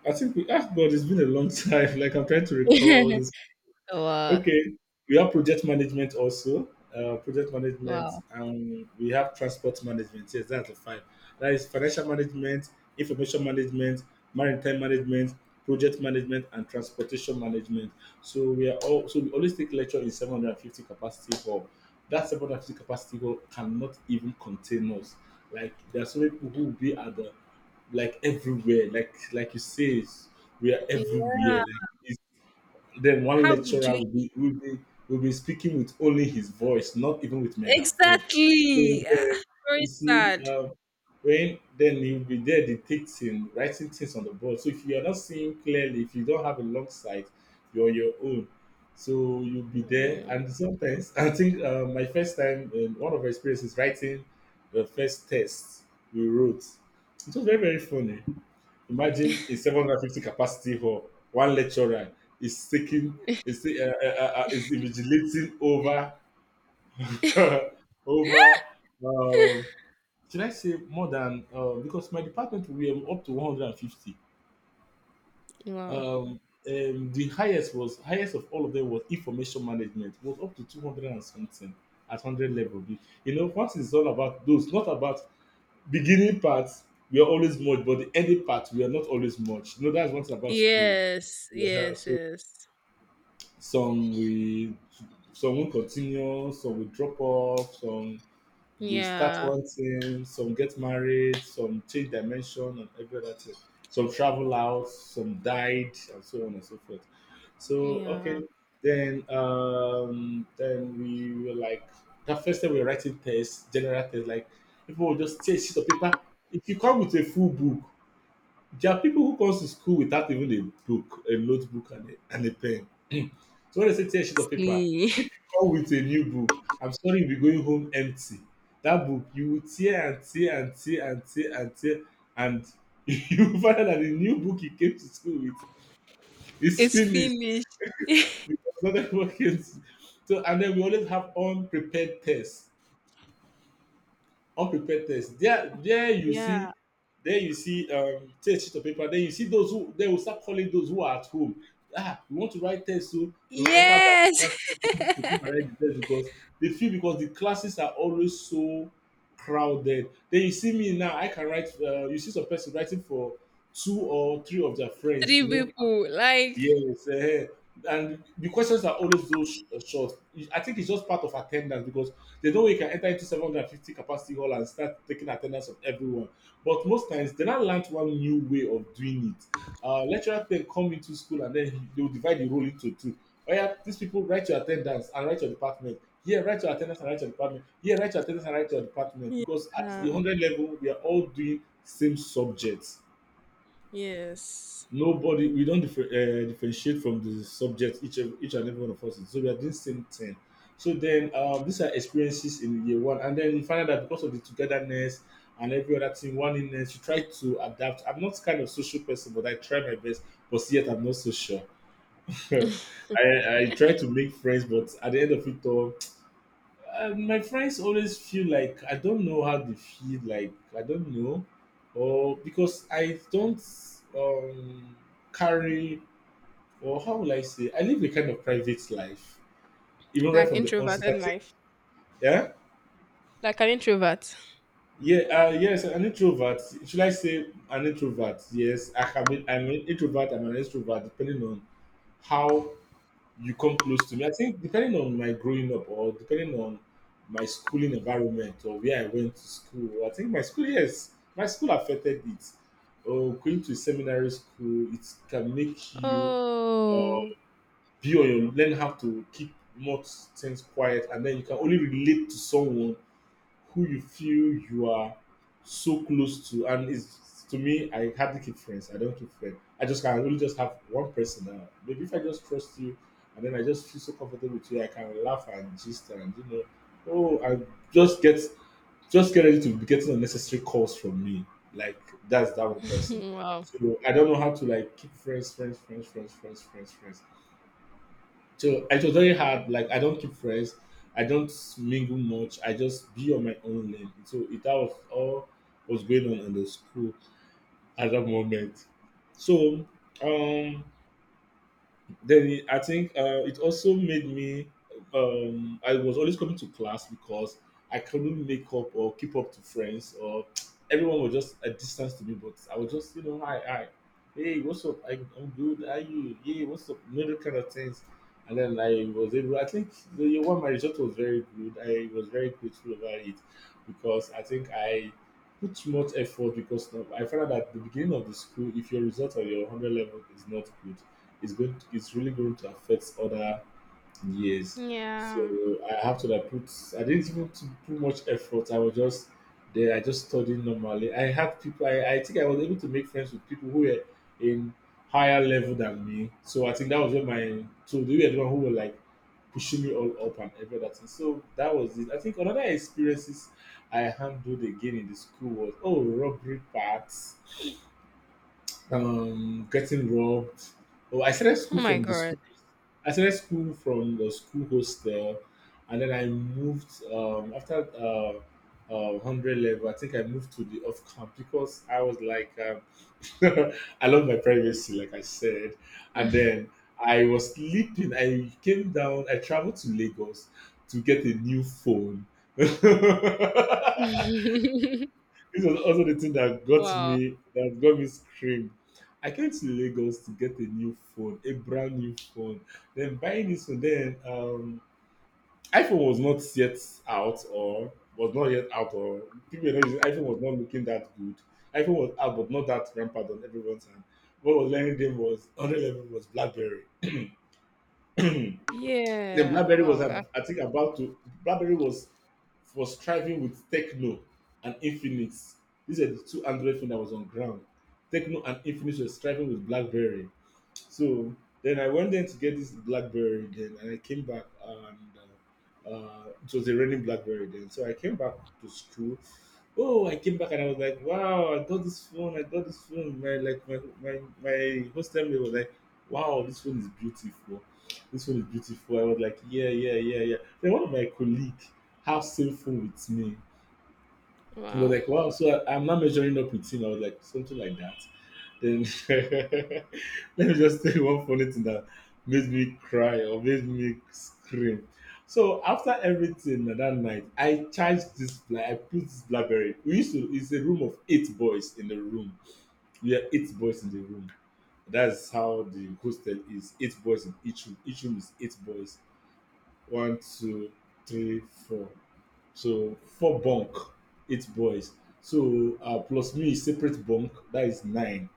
B: I think we asked God. It's been a long time. Like I'm trying to recall all these.
A: Wow.
B: Okay, we have project management also. Project management,
A: Wow.
B: and we have transport management. Yes, that's the five. That is financial management, information management, maritime management, project management, and transportation management. So we are all so we always take lecture in 750 capacity hall. That 750 capacity hall cannot even contain us. Like there are so many people who will be at the like everywhere. Like you say, we are
A: Yeah.
B: everywhere. Like then one
A: How would you
B: lecturer will be speaking with only his voice, not even with megaphone. So
A: exactly?
B: then
A: Ah,
B: you
A: very
B: see,
A: sad.
B: um, when then he'll be there dictating, writing things on the board. So if you are not seeing clearly, if you don't have a long sight, you're on your own. So you'll be there,
A: Yeah.
B: and sometimes I think my first time, one of our experiences writing the first test we wrote. It was very funny. Imagine a 750 capacity hall, one lecturer is taking is ta- is invigilating over over um, should I say more than because my department we were up to 150.
A: Wow.
B: Um, the highest was highest of all of them was information management was up to 200 and something at 100 level. You know, what is all about those, not about beginning parts were always much, but the ending parts were not always much. You know, that's what's about schools.
A: Yes.
B: Yeah,
A: Yes.
B: so
A: Yes.
B: some we some will continue, some will drop off, some we start
A: Yeah.
B: one thing, some get married, some change dimension and every other thing. Some travel out, some died, and so on and so forth. So
A: Yeah.
B: okay, then we were like the first time we were writing tests, general tests, like people will just take sheet of paper. If you come with a full book, there are people who comes to school without even a book, a notebook and a pen. So when I say tear sheet of paper, if you come with a new book, I'm sorry, you'll be going home empty. That book you will tear and tear and tear and tear and tear and you will find out that the new book you came to school with is
A: It's
B: finished
A: finished.
B: because another one came to. So and then we always have unprepared tests. Unpreparedness, there you see,
A: Yeah.
B: there you see, take a sheet of paper, then you see those who they will start calling those who are at home. Ah, we want to write test, so they will enter by
A: Yes.
B: class to come and write the test because they feel, because the classes are always so crowded. Then you see me now, I can write, you see some person writing for two or three of their friends, you
A: 3
B: know.
A: people, like.
B: Yes, eh, and the questions are always those short. I think it's just part of attendance because there's no way you can enter into 750 capacity hall and start taking attendance of everyone. But most times, they now learned one new way of doing it. Lecturer then come into school and then they will divide the role into two. Oh yeah, these people write your attendance and write your department. Yeah, write your attendance and write your department. Yeah, write your attendance and write your department because at the
A: Yeah.
B: 100 level, we are all doing same subject.
A: Yes.
B: Nobody, we don't differ, differentiate from the subject. Each and every one of us is. So we are doing same thing. So then, these are experiences in year one, and then you find out that because of the togetherness and every other thing, one inness, you try to adapt. I'm not kind of social person, but I try my best. But yet, I'm not so sure. I, I try to make friends, but at the end of it all, my friends always feel like I don't know, how they feel like I don't know, or because I don't um, carry how will I say? I live a kind of private life, even right
A: Like
B: from the
A: introverted
B: onset. I think,
A: life.
B: yeah,
A: Like an introvert.
B: yeah, yes, an introvert. Should I say an introvert? Yes, I can be. I'm an introvert. I'm an extrovert, depending on how you come close to me. I think depending on my growing up, or depending on my schooling environment, or where I went to school. I think my school, yes, my school affected it. Or going to seminary school, it can make you
A: Oh,
B: uh, be on your, learn how to keep more things quiet, and then you can only relate to someone who you feel you are so close to. And it's, to me, I hardly keep friends. I don't keep friends. I just can only just have one person now. Maybe if I just trust you and then I just feel so comfortable with you, I can laugh and gist and you know, oh, I just get just get ready to be getting unnecessary calls from me. Like that's that one person.
A: wow.
B: So I don't know how to like keep friends. So it was very hard. Like I don't keep friends, I don't mingle much. I just be on my own lane. So it that was all was going on in the school at that moment. So um I think it also made me. I was always coming to class because I couldn't make up or keep up to friends, or everyone was just a distance to me. But I was just, you know, hi, hi, hey, what's up? I'm good. How are you? Yeah, what's up? You know, that kind of things. And then I was able. I think the year one, my result was very good. I was very grateful about it because I think I put too much effort, because I found out that at the beginning of the school, if your result or your hundred level is not good, it's going to, it's really going to affect other years. So
A: Yeah.
B: I have to like put. I didn't even put too much effort. I was just there. I just studied normally. I had people. I think I was able to make friends with people who were in higher level than me. So I think that was when my so they were the one who were like pushing me all up and everything. So that was it. I think another experiences I handled again in the school was oh robbery parts, getting robbed. Oh, I started school
A: Oh my
B: from the
A: god.
B: school I started school from the school hostel, and then I moved after 100 level. I think I moved to the off camp because I was like, I love my privacy, like I said. And then I was sleeping. I came down. I traveled to Lagos to get a new phone. This was also the thing
A: Wow.
B: that got me screamed. I came to Lagos to get a new phone, a brand new phone. Then buying this phone, then iPhone was not yet out, or people were not using, iPhone was not looking that good. iPhone was out but not that rampant on everyone's hand. What was learning them was another level was BlackBerry. Then
A: Yeah.
B: BlackBerry was,
A: Wow. I-
B: I think, about to. BlackBerry was striving with Techno and Infinix. These are the two Android phones that was on ground. Techno and Infinix were striving with BlackBerry. So then I went there to get this blackberry then, and I came back, and it was a raining blackberry then. So I came back to school. Oh, I came back and I was like, wow, I got this phone, I got this phone. My, my hostel mate was like, wow, this phone is beautiful. This phone is beautiful. I was like, yeah, yeah, yeah, yeah. Then one of my colleague have same phone with me. He was
A: Wow.
B: like, wow, so I'm not measuring up with him. I was like, something like that. Then let me just tell you one funny thing that made me cry or made me scream. So after everything na that night, I charged this bla I put this blackberry. We used to, it's a room of eight boys in the room. We are eight boys in the room. That's how the hostel is. Eight boys in each room. Each room is eight boys. One, two, three, four. So four bunk, eight boys. So plus me separate bunk, that is nine.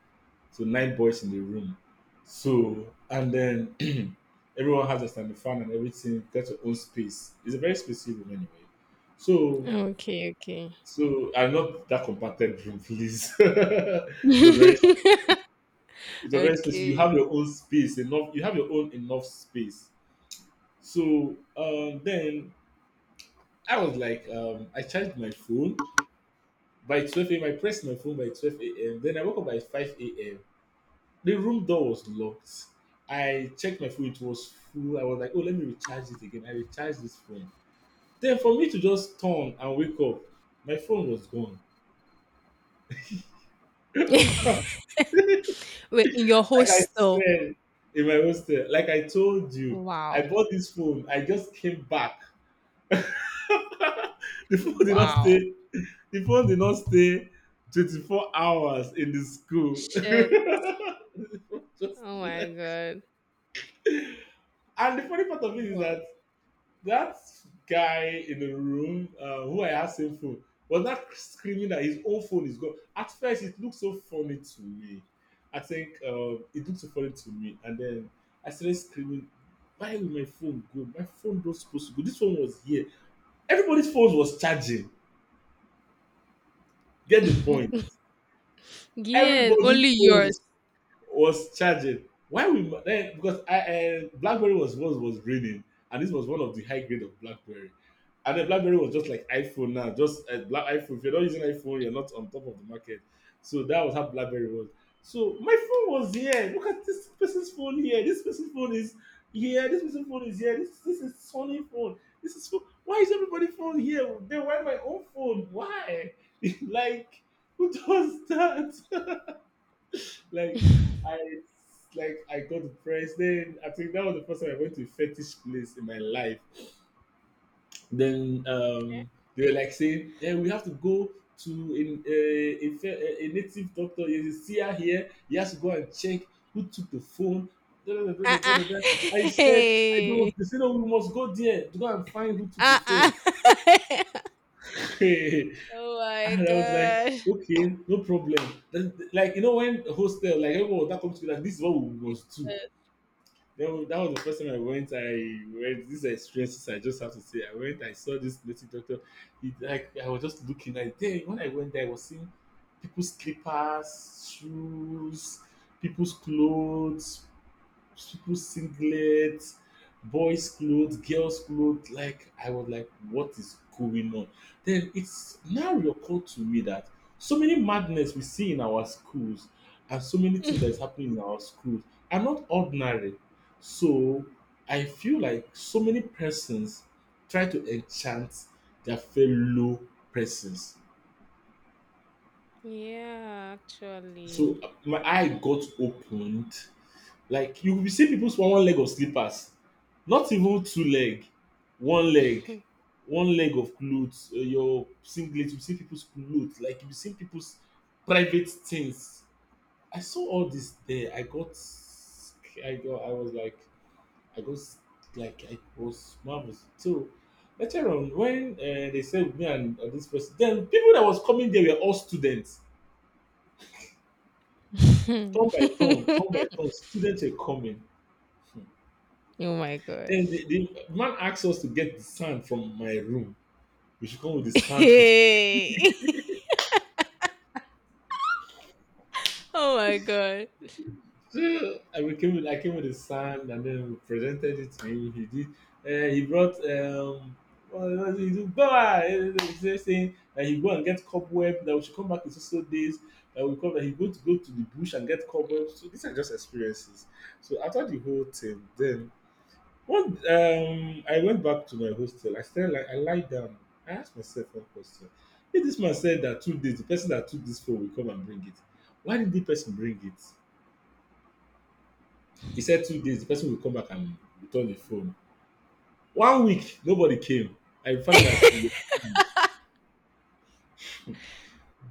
B: So nine boys in the room. So and then everyone has a standing fan and everything, get your own space. It's a very spacious room anyway. So
A: Okay. Okay.
B: so and not that compacted room, please. It was very spacious. You have
A: Okay.
B: your own space, enough, you have your own enough space. So then I was like, I charged my phone by 12 a.m. I pressed my phone by 12 a.m. Then I woke up by 5 a.m. The room door was locked. I checked my phone, it was full. I was like, oh, let me recharge it again. I recharged this phone. Then for me to just turn and wake up, my phone was gone.
A: Wait, in your
B: Like I
A: hostel.
B: said, in my hostel, like I told you, I
A: Wow.
B: bought this phone. I just came back. The phone did not
A: Wow.
B: stay. The phone did not stay 24 hours in the school.
A: Shit.
B: Just
A: Oh my
B: left.
A: god.
B: And the funny part of it is
A: Wow.
B: that that guy in the room, who I had same phone, was not screaming that his own phone is gone. At first, it looked so funny to me. I think it looked so funny to me, and then I started screaming, "Why will my phone go? My phone not supposed to go. This one was here. Everybody's phones was charging. Get the point.
A: Yes,
B: Everybody's
A: only yours.
B: phones was charging. Why we then because I BlackBerry was raining, and this was one of the high grade of BlackBerry, and then BlackBerry was just like iPhone now, just Black iPhone. If you're not using iPhone, you're not on top of the market. So that was how BlackBerry was. So my phone was here. Look at this person's phone here. This person's phone is here. This person's phone is here. This is Sony phone. This is phone. Why is everybody phone here? Then why my own phone? Why? Like, who does that? Like I like I got depressed. Then I think that was the first time I went to a fetish place in my life. Then they were like saying, "Yeah, we have to go to in a native doctor. You see her here. He has to go and check who took the phone." Da, da, da, da, da,
A: Uh-uh.
B: da, da. I said, "I
A: Hey.
B: don't." They said, "No, we must go there to go and find who took the phone."
A: Uh-uh.
B: And
A: Oh my
B: I was like,
A: god.
B: okay, no problem. Then, like, you know, when hostel, like everyone that comes together, this is what we must do. That was the first time I went. I went. These are experiences I just have to say. I went. I saw this native doctor. It, like I was just looking at there. When I went there, I was seeing people's slippers, shoes, people's clothes, people's singlets, boys' clothes, girls' clothes. Like I was like, what is going on? Then it's now recalled to me that so many madness we see in our schools and so many things that is happening in our schools are not ordinary. So I feel like so many persons try to enchant their fellow persons.
A: Yeah,
B: So
A: actually.
B: my eye got opened. Like you will see people's one leg of slippers, not even two leg, one leg, one leg of clothes, your singlet. You see people's clothes, like you see people's private things. I saw all this there. I got, sc- I got, I was like, I got s- like I was marvelous. So later on, when they said me and this person, then people that was coming there were all students. Turn by turn, turn by turn, students were coming.
A: Oh my
B: Then
A: gosh.
B: the man asked us to get the sand from my room. We should come with the sand from.
A: Hey. Oh my god.
B: So I came with the sand, and then we presented it to him. He did. He brought. What was it? He said, "Go ah," he saying that he go and get cobweb. That we should come back in so so days. That we come that he go to go to the bush and get cobwebs. So these are just experiences. So after the whole thing, then I went back to my hostel. I still like I lied down. I asked myself one question: if this man said that two days, the person that took this phone will come and bring it. Why did the person bring it? He said two days, the person will come back and return the phone. One week, nobody came. I found out that it was scammed.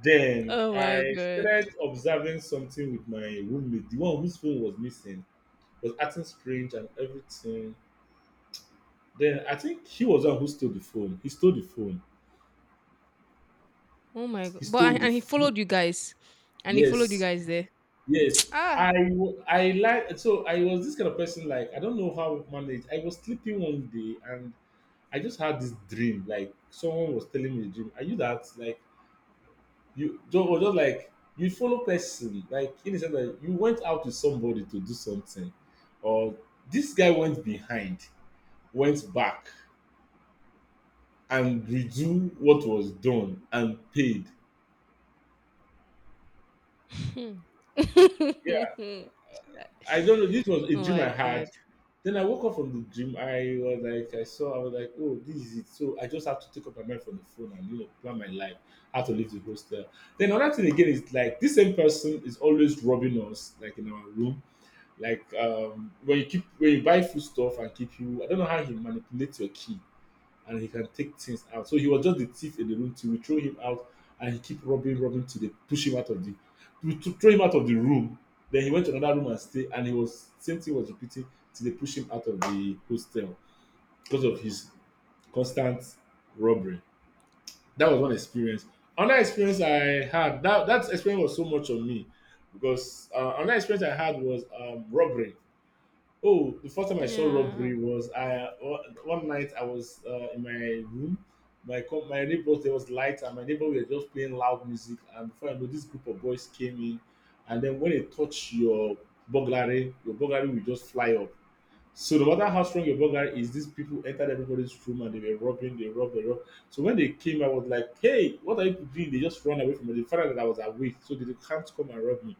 B: Then
A: Oh my
B: I
A: god.
B: started observing something with my roommate. The one whose phone was missing was acting strange and everything. Then I think he was the one who stole the phone. He stole the phone.
A: Oh my god.
B: He
A: But
B: stole
A: and
B: the.
A: and he followed you guys. And he followed you
B: Yes,
A: guys there.
B: yes.
A: Ah.
B: I w- I like So I was this kind of person, like I don't know how I managed. I was sleeping one day and I just had this dream, like someone was telling me a dream. Are you that like you just or just like you follow person, like in the sense that you went out with somebody to do something or this guy went behind, went back and redo what was done and paid.
A: Hmm.
B: I don't know. This was a
A: Oh
B: dream I
A: my
B: had.
A: god.
B: Then I woke up from the dream. I was like, I saw, I was like, oh, this is it. So I just have to take up my mind from the phone and, you know, plan my life, how to leave the hostel. Then another thing again is like, this same person is always robbing us, like in our room. Like when you keep, when you buy food stuff and keep you, I don't know how he manipulates your key and he can take things out. So he was just the thief in the room till we throw him out, and he keep rubbing, rubbing till they push him out of the, we throw him out of the room. Then he went to another room and stay and he was same thing was repeating till they push him out of the hostel because of his constant robbery. That was one experience. Another experience I had, that that experience was so much on me because another experience I had was robbery. Oh, the first time I saw
A: Yeah.
B: robbery was I one night I was in my room. My neighbors there was light and my neighbor were just playing loud music, and before I know, this group of boys came in, and then when they touch your burglary will just fly up. So no matter how strong your burger is, these people entered everybody's room and they were robbing, they robbed, they robbed. So when they came, I was like, "Hey, what are you doing?" They just run away from me. They found out that I was awake, so they can't come and rob me.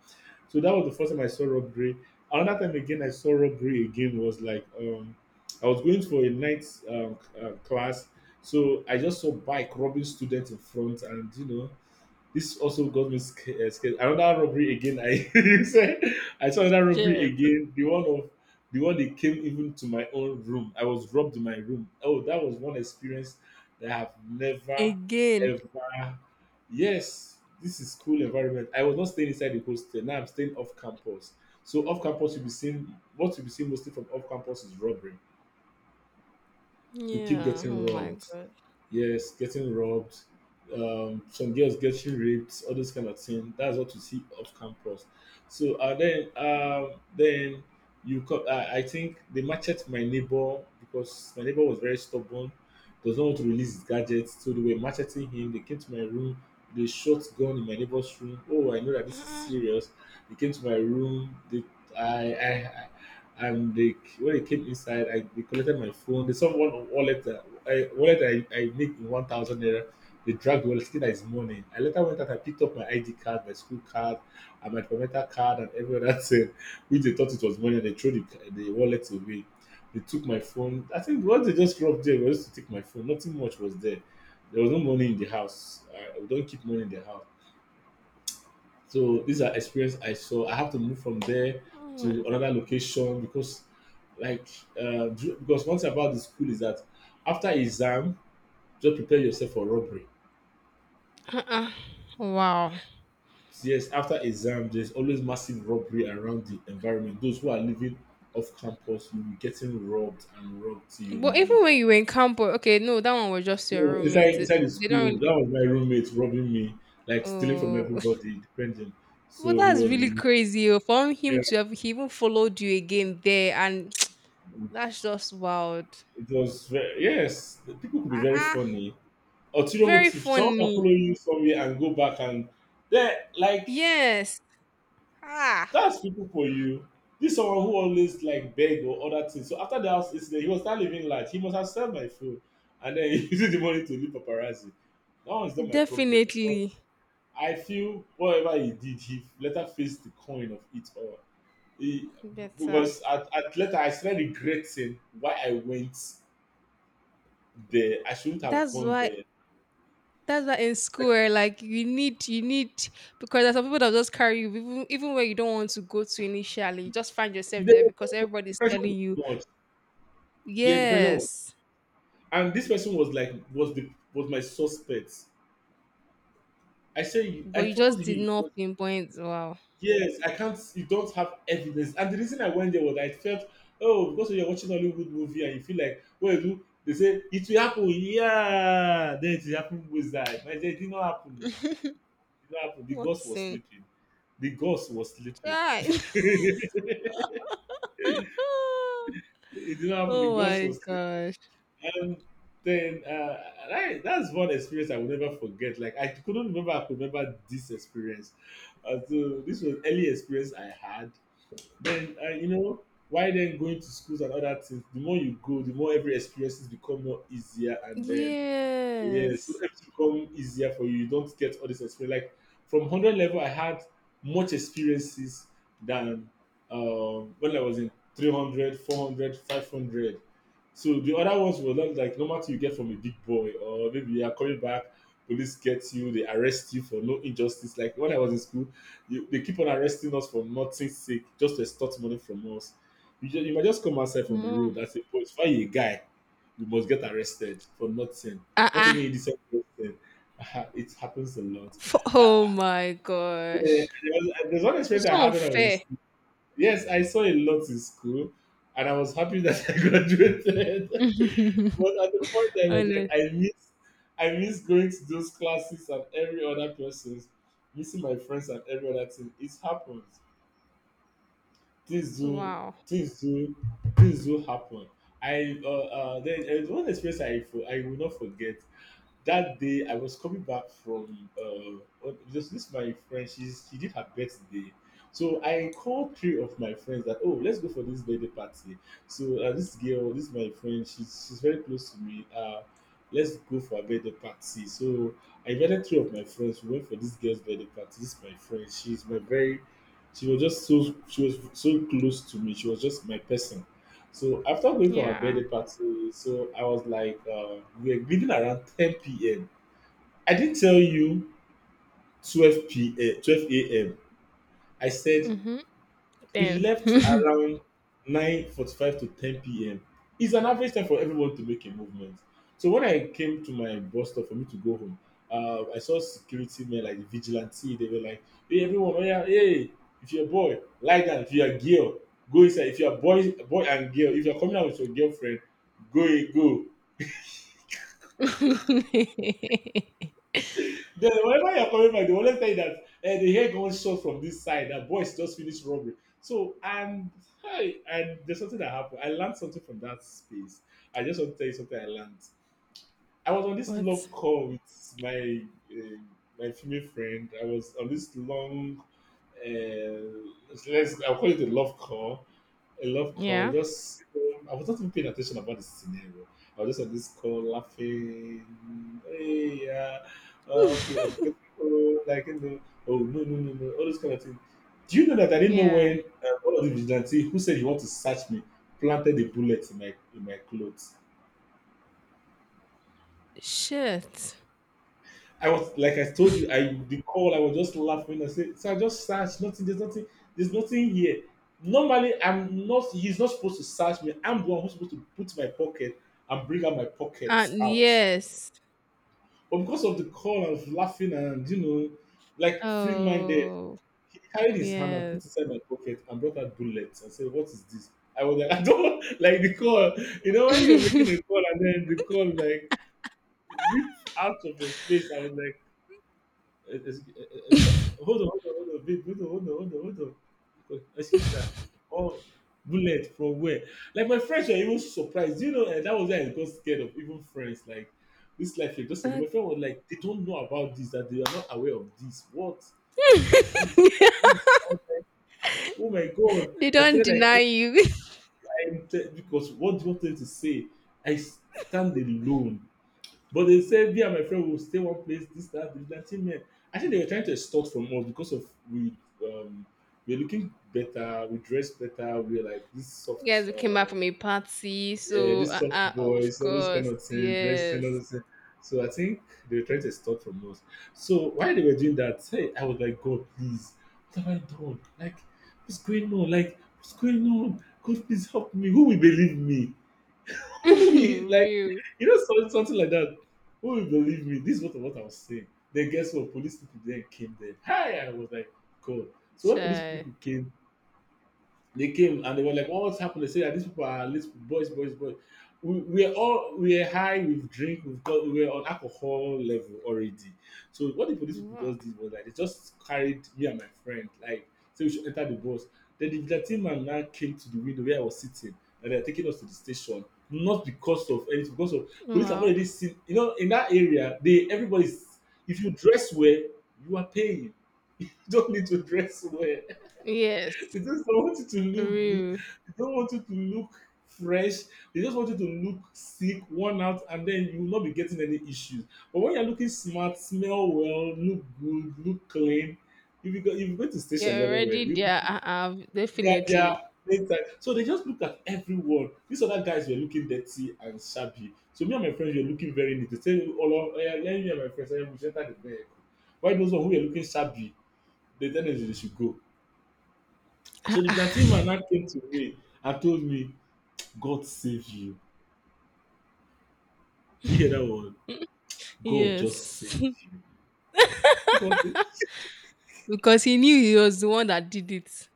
B: So that was the first time I saw robbery. Another time again, I saw robbery again was like I was going for a night class, so I just saw bike robbing students in front, and you know, this also got me scared. Another robbery again. I you said I saw another robbery
A: Shit.
B: again. The one that came even to my own room. I was robbed in my room. Oh, that was one experience that I have never
A: Again.
B: ever. Yes, this is cool environment. I was not staying inside the hostel. Now I'm staying off campus. So off campus, you'll be seeing, what you'll be seeing mostly from off campus is robbery. You keep
A: Yeah. Oh
B: getting
A: my
B: robbed,
A: god.
B: yes, getting robbed, some girls getting raped, all those kind of thing. That's what you see off campus. So then you come. I think they matched my neighbor because my neighbor was very stubborn, does not want to release his gadgets. So they were macheting him. They came to my room. They shot gun in my neighbor's room. Oh, I know that this is
A: Uh-uh.
B: serious. They came to my room. They, I, and they when they came inside, I they collected my phone. They saw one wallet. I wallet I make in 1,000 naira. They dragged the wallet, thinking that it's money. I later went out and picked up my ID card, my school card, and my permanent card, and every other thing, which they thought it was money, and they threw the wallet away. They took my phone. I think what they just robbed there was to take my phone. Nothing much was there. There was no money in the house. We don't keep money in the house. So these are experience I saw. I have to move from there
A: Oh my-
B: to another location because, like, because one thing about the school is that after exam, just prepare yourself for robbery.
A: Uh-uh. Wow.
B: Yes, after exam, there's always massive robbery around the environment. Those who are living off campus, you'll be getting robbed and robbed till you
A: But
B: leave.
A: even when you were in camp, okay, no, that one was just your
B: Oh, inside
A: roommate. It-
B: inside the
A: They don't
B: school,
A: really.
B: that was my roommate robbing me, like stealing from
A: Oh,
B: everybody, depending.
A: well,
B: So he
A: that's
B: was
A: really
B: the,
A: crazy. Oh, for him
B: yeah.
A: to have he even followed you again there, and that's just wild.
B: It was very, yes, the people could be very
A: Uh-uh.
B: funny. Ulterior
A: Very
B: motive. Someone can follow
A: funny.
B: you somewhere and go back and they like.
A: Yes. Ah,
B: That's people for you. This someone who always like beg or other things. So after the house incident, he was not living large. He must have sell my phone and then he used the money to leave paparazzi. That one is not my problem. But
A: definitely.
B: I feel whatever he did, he later faced the coin of it all. He,
A: Better.
B: because at later I started regretting why I went there. I shouldn't have
A: That's
B: gone
A: why.
B: there.
A: That's why in school,
B: Like,
A: eh, like you need because there's some people that just carry you, even even where you don't want to go to initially. You just find yourself there
B: the
A: because
B: the
A: everybody's
B: pressure was
A: telling
B: too
A: you.
B: much. Yeah, the pressure was.
A: Yes,
B: And this person was like was my suspect I say
A: but
B: I
A: you
B: told
A: just did
B: him,
A: not pinpoint. Wow,
B: yes, I can't, you don't have evidence. And the reason I went there was I felt, oh, because you're watching Hollywood movie and you feel like, well, you do they say it will happen? Yeah, then it will happen with that. But it did not happen, no. It did not happen. The
A: what
B: ghost was
A: sin?
B: sleeping. The ghost was sleeping.
A: Right.
B: it did not happen. The
A: Oh
B: ghost
A: my
B: was sleeping.
A: gosh.
B: And then I, that's one experience I will never forget. Like I couldn't remember I could remember this experience. So this was early experience I had. Then you know, why then going to schools and other things? The more you go, the more every experiences become more easier, and then yes, so
A: Yes.
B: everything become easier for you. You don't get all this experience. Like from hundred level, I had much experiences than when I was in 300, 400, 500. So the other ones were not like normal thing you get from a big boy, or maybe you are coming back, police get you, they arrest you for no injustice. Like when I was in school, you, they keep on arresting us for nothing's sake, just to extort money from us. You, just, you might just come outside from the
A: More.
B: road and say, "Oh, it's why you a guy." You must get arrested for nothing. Not
A: Uh.
B: even in the same person. It happens a lot. Uh,
A: Oh
B: uh,
A: my
B: there
A: gosh.
B: there's one experience
A: It's
B: I
A: so
B: had when I was in
A: unfair.
B: school. Yes, I saw a lot in school, and I was happy that I graduated, but at the point, I was like,
A: Honest.
B: I miss going to those classes and every other person's, missing my friends and every other thing. It happens. Things do,
A: Wow.
B: things do, things do happen. I then one experience I will not forget that day I was coming back from just this my friend, she did her birthday. So I called three of my friends that oh let's go for this birthday party. So this girl, this my friend, she's very close to me. Uh, let's go for a birthday party. So I invited three of my friends. We went for this girl's birthday party. This my friend, she's my very she was so close to me. She was just my person. So after going for our
A: Yeah.
B: birthday party, so I was like, we were leaving around 10 p.m. I didn't tell you 12 p.m. 12 a.m. I said
A: Mhm.
B: you
A: Then.
B: left around 9:45 to 10 p.m. It's an average time for everyone to make a movement. So when I came to my bus stop for me to go home, I saw security men like the vigilante. They were like, "Hey, everyone! Oh yeah, hey! If you're a boy, lie down. If you're a girl, go inside. If you're a boy, boy and girl, if you're coming out with your girlfriend, go, go." Then whenever you're coming back, they will always tell you that eh, they hear gunshot from this side. That boys just finished robbery. So and hey, and there's something that happened. I learned something from that space. I just want to tell you something I learned. I was on this
A: Let's.
B: love call with my uh, my female friend. I was on this long, let's I'll call it a love call, a love call.
A: Yeah.
B: Just I was not even paying attention about the scenario. I was just on this call laughing. Hey, yeah, okay, I'm getting old, like you know, oh no no no no, all those kind of things. Do you know that I didn't know
A: Yeah.
B: when one of the vigilante who said he want to search me planted a bullet in my clothes.
A: Shit.
B: I was like I told you, I the call I was just laughing. I said, "Sir, just search. Nothing. There's nothing. There's nothing here." Normally, I'm not. He's not supposed to search me. I'm the one who's supposed to put my pocket and bring out my pockets out.
A: Yes.
B: But because of the call, I was laughing and you know, like free-minded.
A: Oh,
B: He carried his hand and put
A: yes.
B: inside my pocket and brought out bullets and said, "What is this?" I was like, "I don't like the call." You know, when you're making a call and then the call like whips out of your face. I was like. Hold on, hold on, hold on, babe, hold on, hold on, hold on, hold on. Excuse that. Oh, bullet from where? Like my friends were even surprised. You know, and that was why I got scared of even friends. Like this life, you just a my
A: That.
B: friend was like, they don't know about this, that they are not aware of this. What? What's this? That this? I was like, oh my god!
A: They
B: I
A: don't
B: said like,
A: deny
B: oh,
A: you.
B: because what do you want them to say? I stand alone. But they said me and my friend will stay one place, this, that, vigilante men. I think they were trying to extort from us because of we um we're looking better, we dress better, we're like this
A: You
B: soft
A: guys, we came back
B: um
A: from a party,
B: yeah,
A: so,
B: this soft
A: of
B: boys, all those kind
A: course,
B: of thing, dressing, all
A: yes.
B: those things. So I think they were trying to extort from us. So while they were doing that, hey, I was like, God, please, what have I done? Like, what's going on? Like, what's going on? God, please help me. Who will believe me? We like,
A: Real.
B: you know, something like that. Who will believe me, this is what I was saying. Then guess what, police people then came there. Hi, I was like, god. So when police
A: Chai.
B: people came, they came and they were like, "Oh, what's happened?" They said, "Ah, these people are these boys, boys, boys." We're high with drink. We're on alcohol level already. So what the police people
A: Wow.
B: just did was like they just carried me and my friend like say we should enter the bus. Then the vigilante man now came to the window where I was sitting and they are taking us to the station. Not because of anything, because of police have
A: Wow.
B: already seen. You know, in that area, they everybody's. If you dress well, you are paying. You don't need to dress well.
A: Yes.
B: They just don't want you to look good.
A: Real.
B: They don't want you to look fresh. They just want you to look sick, worn out, and then you will not be getting any issues. But when you're looking smart, smell well, look good, look clean, if you go to station
A: You're
B: very well,
A: already
B: you
A: there. Uh-uh,
B: yeah, yeah.
A: definitely.
B: So they just look at everyone. These other guys were looking dirty and shabby. So me and my friends were looking very neat. They say, "Oh, Lord, oh yeah, let me and my friends eh, we should enter the vehicle." Why those one who were looking shabby, they tell them they should go. So the plantain
A: Uh-uh,
B: man now came to me and told me, God save you. Do you hear that word? God just
A: yes.
B: saved you. Because
A: Because he knew he was the one that did it.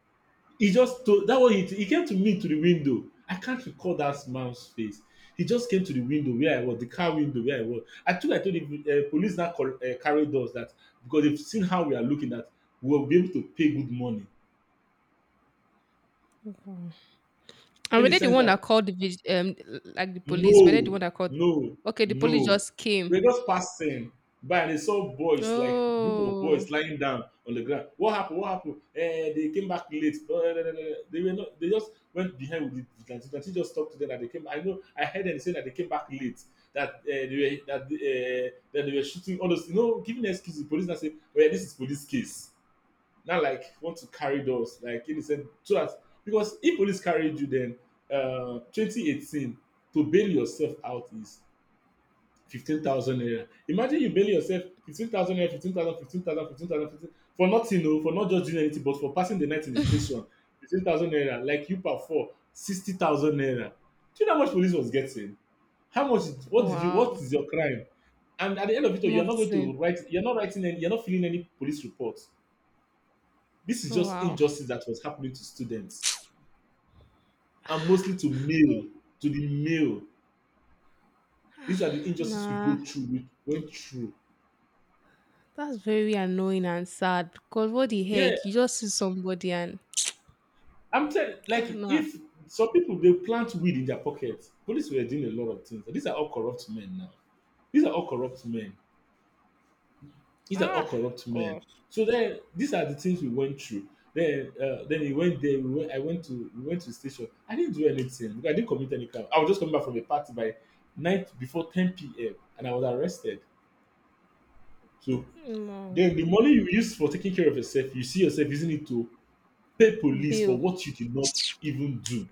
B: he just told that one he came to me to the window. I can't recall that man's face. He just came to the window where I was, the car window where I was. Actually, I told the police now carried us that because they've seen how we are looking, that we'll be able to pay good money.
A: Wow. And
B: In
A: were
B: the
A: they the
B: sense
A: one that
B: that
A: called the vig- um, like the police? Were they the
B: No,
A: one that called?
B: no,
A: Okay, the police
B: no.
A: just came.
B: Lagos passed him by and they saw boys, like group of boys
A: Oh,
B: lying down on the ground. What happened? What happened? Eh, they came back late. Blah, blah, blah, blah. They were not, they just went behind with the vigilante. Vigilante just talked to them that they came. I know I heard them say that they came back late. That they were that they were shooting all those you know, giving excuses, police now say, oh yeah, this is police case. Not like want to carry those? Like in the sense so that because if police carried you then 2018 to bail yourself out is 15,000 naira. Imagine you bail yourself 15,000 naira, 15,000, 15,000, 15,000, 15, thousand, 15 for nothing, oh, for not just doing anything, but for passing the night in the station, 15,000 naira, like you per four, 60,000 naira. Do you know how much police was getting? How much, what did you,
A: wow,
B: what is your crime? And at the end of it all, you're not going
A: nothing.
B: to write, you're not writing any, you're not filling any police report. This is just
A: Wow.
B: injustice that was happening to students and mostly to
A: Mm.
B: male, to the male. These are the injustices we
A: Nah,
B: go through, we went through.
A: that's very annoying and sad. Cause what the
B: Yeah,
A: heck? You just see somebody and
B: I'm telling,
A: ah,
B: like,
A: nah,
B: if some people they plant weed in their pockets, police were doing a lot of things. These are all corrupt men now. These are all corrupt men. These are all
A: ah,
B: corrupt men.
A: gosh,
B: So then these are the things we went through. Then we went there. We went, I went to we went to the station. I didn't do anything, because I didn't commit any crime. I was just coming back from a party by night before 10 p.m. and I was arrested. So
A: no,
B: then the money you use for taking care of yourself, you see yourself using it to pay police for
A: bill.
B: what you did not even do,